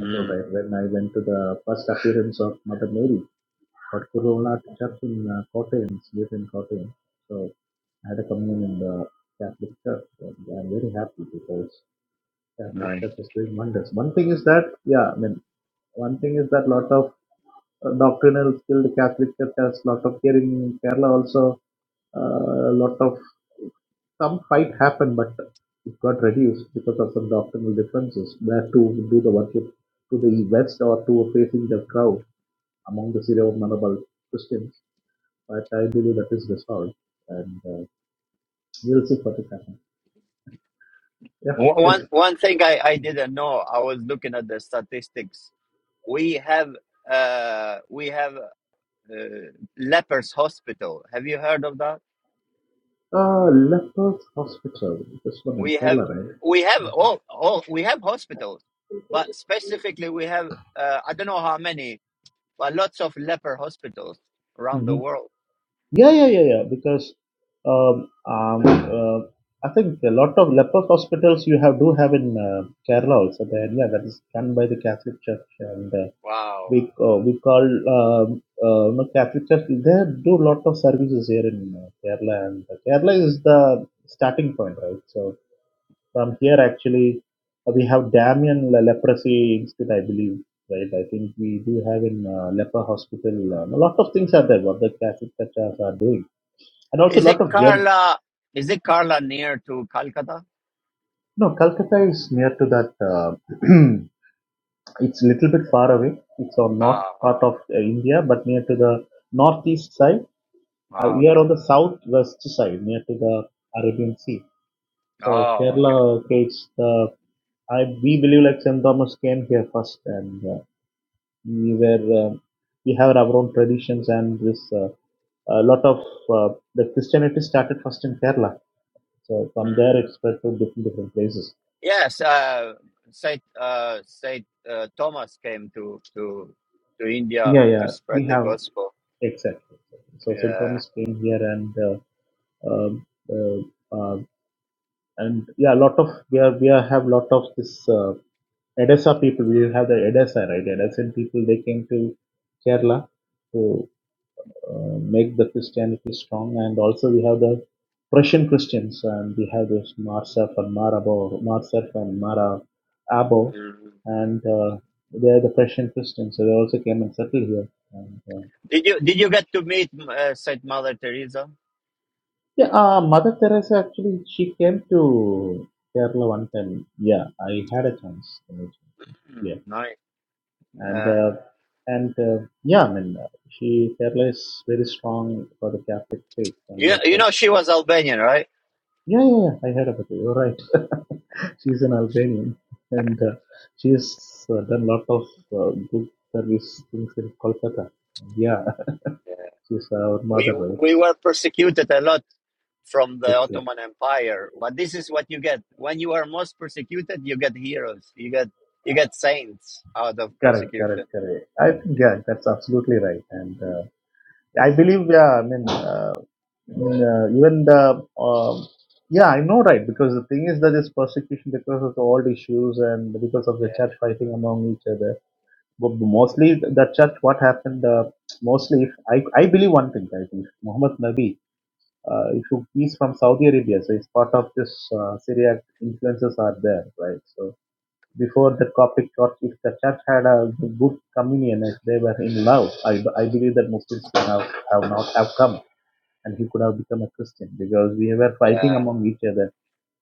Speaker 3: I told right when I went to the first appearance of Mother Mary but Corona Church in uh, Kottayam, live in Kottayam. So I had a communion in the Catholic Church, and I'm very happy because Catholic
Speaker 1: nice.
Speaker 3: Church is doing wonders. One thing is that, yeah, I mean, one thing is that lot of uh, doctrinal skilled Catholic Church has lot of here in Kerala also. A lot of some fight happened, but it got reduced because of some doctrinal differences where to do the worship to the west or to facing the crowd among the Syro-Malabar Christians but I believe that is resolved, and uh, we'll see what will happen.
Speaker 1: Wh-
Speaker 3: Yeah,
Speaker 1: one
Speaker 3: yes.
Speaker 1: one thing I I didn't know. I was looking at the statistics. We have uh we have uh, lepers hospital. Have you heard of that?
Speaker 3: Uh, Lepers Hospital, this one in
Speaker 1: we have
Speaker 3: Kerala, right?
Speaker 1: we have all, all we have hospitals but specifically we have uh, i don't know how many but lots of leper hospitals around
Speaker 3: hmm
Speaker 1: the world
Speaker 3: Yeah, yeah, yeah, yeah. Because um, um, uh, I think a lot of leper hospitals you have do have in uh, Kerala also. There, yeah, that is run by the Catholic Church, and uh,
Speaker 1: Wow.
Speaker 3: we uh, we call um, uh, no, Catholic Church. They do lot of services here in uh, Kerala, and Kerala is the starting point, right? So from here actually uh, we have Damien le- leprosy institute, I believe, right? I think we do have in uh, leper hospital. Uh, a lot of things are there what the Catholic churches are doing, and also a
Speaker 1: is it
Speaker 3: lot of germ.
Speaker 1: carla is it carla near to calcutta
Speaker 3: No, Calcutta is near to that. Uh, it's a little bit far away. It's on north
Speaker 1: Ah,
Speaker 3: part of uh, India, but near to the northeast side. Uh,
Speaker 1: oh
Speaker 3: we are
Speaker 1: okay
Speaker 3: on the southwest side, near to the Arabian Sea. So
Speaker 1: oh, okay.
Speaker 3: Kerala, okay, it's the I we believe like St Thomas came here first and. Uh, we were uh, we have our own traditions and this uh, a lot of uh, the Christianity started first in Kerala. So from
Speaker 1: Mm.
Speaker 3: there it spread to different different places.
Speaker 1: yes uh saint uh saint uh, thomas came to to to india
Speaker 3: Yeah,
Speaker 1: to
Speaker 3: yeah,
Speaker 1: spread
Speaker 3: we
Speaker 1: the
Speaker 3: have
Speaker 1: gospel
Speaker 3: exactly. So St.
Speaker 1: yeah
Speaker 3: Thomas came here and uh, um, uh, uh, and yeah, a lot of we are we are, have lot of this uh, Edessa people. We have the Edessa right, Edessa people. They came to Kerala to uh, make the Christianity strong. And also we have the Prussian Christians, and we have this Marsef and Marabo, Marsef and Mara Abo,
Speaker 1: Mm.
Speaker 3: and uh, they are the Prussian Christians. So they also came and settled here. And, uh,
Speaker 1: did you did you get to meet uh, saint mother teresa
Speaker 3: yeah, uh, Mother Teresa actually she came to Kerala one time. Yeah, I had a chance.
Speaker 1: Mm,
Speaker 3: Yeah,
Speaker 1: Nice.
Speaker 3: and
Speaker 1: Uh,
Speaker 3: uh, and uh, yeah, I mean uh, she Kerala is very strong for the Catholic faith and
Speaker 1: you,
Speaker 3: lot
Speaker 1: you
Speaker 3: of
Speaker 1: know, she was Albanian, right?
Speaker 3: Yeah, yeah, yeah. I heard about it. You're right. she's an Albanian, and uh, she's uh, done lot of uh, good service things in Kolkata. Yeah,
Speaker 1: Yeah.
Speaker 3: she's our mother,
Speaker 1: We
Speaker 3: right?
Speaker 1: we were persecuted a lot from the
Speaker 3: Excellent.
Speaker 1: Ottoman Empire, but this is what you get when you are most persecuted. You get heroes. You get you get saints out of
Speaker 3: Correct,
Speaker 1: persecution.
Speaker 3: correct, correct. I think
Speaker 1: Yeah,
Speaker 3: yeah, that's absolutely right. And uh, I believe yeah, I mean, uh, I mean, uh, even the um, yeah, I know right because the thing is that this persecution because of the old issues and because of the church fighting among each other but mostly the church what happened uh, mostly if I, I believe one thing guys if muhammad nabi uh, if you, he's from saudi arabia so it's part of this uh, syriac influences are there right so before the coptic church if the church had a good communion if they were in love i, I believe that muslims would have, have not have come and he could have become a christian because we were
Speaker 1: yeah,
Speaker 3: fighting among each other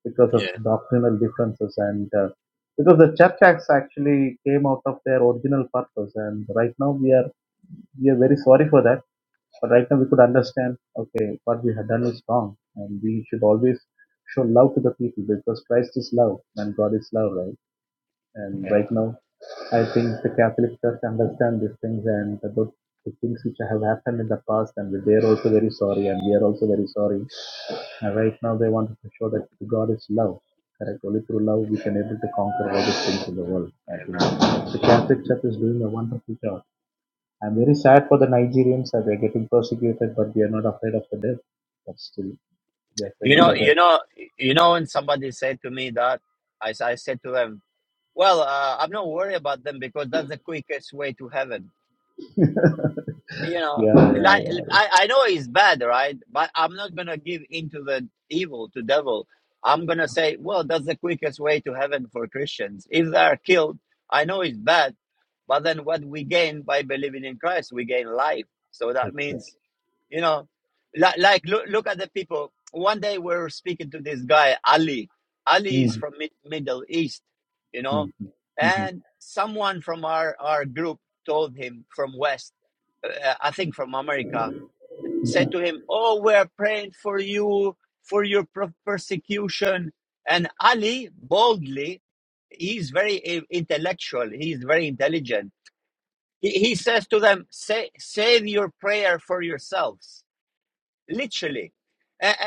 Speaker 3: because of
Speaker 1: yeah,
Speaker 3: doctrinal differences. And uh, because the church acts actually came out of their original purpose. And right now we are we are very sorry for that. But right now we could understand, okay, what we had done is wrong, and we should always show love to the people because Christ is love and God is love, right? And
Speaker 1: yeah.
Speaker 3: right now, I think the Catholic Church understand these things and about the things which have happened in the past, and they are also very sorry, and we are also very sorry uh, right now, they wanted to show that God is love. Correct. Only through love we can able to conquer all these things in the world. I think the Catholic Church is doing a wonderful job. I'm very sad for the Nigerians that they're getting persecuted, but they are not afraid of the death. But still, they are
Speaker 1: You
Speaker 3: praying
Speaker 1: know,
Speaker 3: for that.
Speaker 1: you know, you know. When somebody said to me that, I s- I said to them, "Well, uh, I'm not worried about them because that's the quickest way to heaven." you know
Speaker 3: Yeah, yeah,
Speaker 1: like
Speaker 3: yeah.
Speaker 1: I, I know it's bad right but i'm not gonna give into the evil to devil i'm gonna say well that's the quickest way to heaven for christians if they are killed i know it's bad but then what we gain by believing in christ we gain life so that
Speaker 3: Exactly.
Speaker 1: means you know like, like look, look at the people one day we were speaking to this guy ali ali is from
Speaker 3: Mm-hmm.
Speaker 1: Mid- middle east you know
Speaker 3: Mm-hmm. Mm-hmm.
Speaker 1: and someone from our our group told him from west uh, I think from America, said to him, "Oh, we are praying for you for your persecution." And Ali boldly, he's very uh, intellectual. He's very intelligent. He, he says to them, "Say, save your prayer for yourselves." literally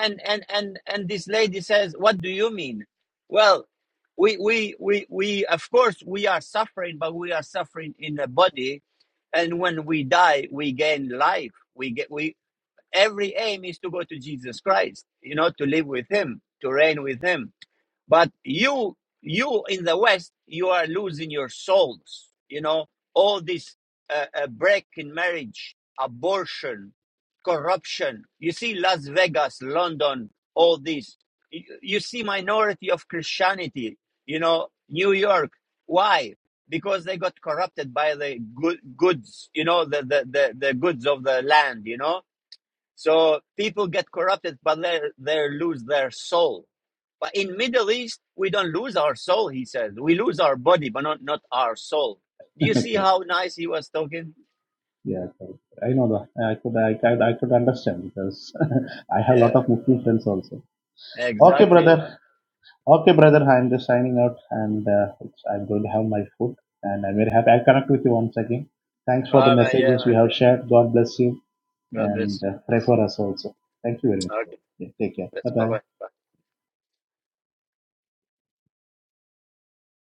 Speaker 1: and and and and this lady says what do you mean well we we we we of course we are suffering but we are suffering in the body and when we die we gain life we get we every aim is to go to jesus christ you know to live with him to reign with him but you you in the west you are losing your souls you know all this uh, uh, break in marriage abortion corruption you see las vegas london all this you, you see minority of christianity you know new york why because they got corrupted by the good, goods you know the, the the the goods of the land you know so people get corrupted, but they they lose their soul. But in Middle East, we don't lose our soul. He says we lose our body, but not not our soul. Do you see
Speaker 3: correct.
Speaker 1: how nice he was talking?
Speaker 3: Yeah, correct. I know that. I could, I, could, I could understand because I have a lot
Speaker 1: Yeah,
Speaker 3: of Muslim friends also. Okay,
Speaker 1: exactly.
Speaker 3: brother. Okay, brother, I'm just signing out and uh, it's, I'm going to have my food and I'm very happy. I'll connect with you once again. Thanks for the
Speaker 1: Oh, man, yeah,
Speaker 3: messages you
Speaker 1: man.
Speaker 3: have shared. God bless you
Speaker 1: God
Speaker 3: and
Speaker 1: bless.
Speaker 3: uh,
Speaker 1: God
Speaker 3: pray
Speaker 1: bless.
Speaker 3: for us also. Thank you very much. Brother.
Speaker 1: Okay.
Speaker 3: Yeah, take
Speaker 1: God
Speaker 3: care. Bye
Speaker 1: bless. Bye
Speaker 3: bye.
Speaker 1: bye.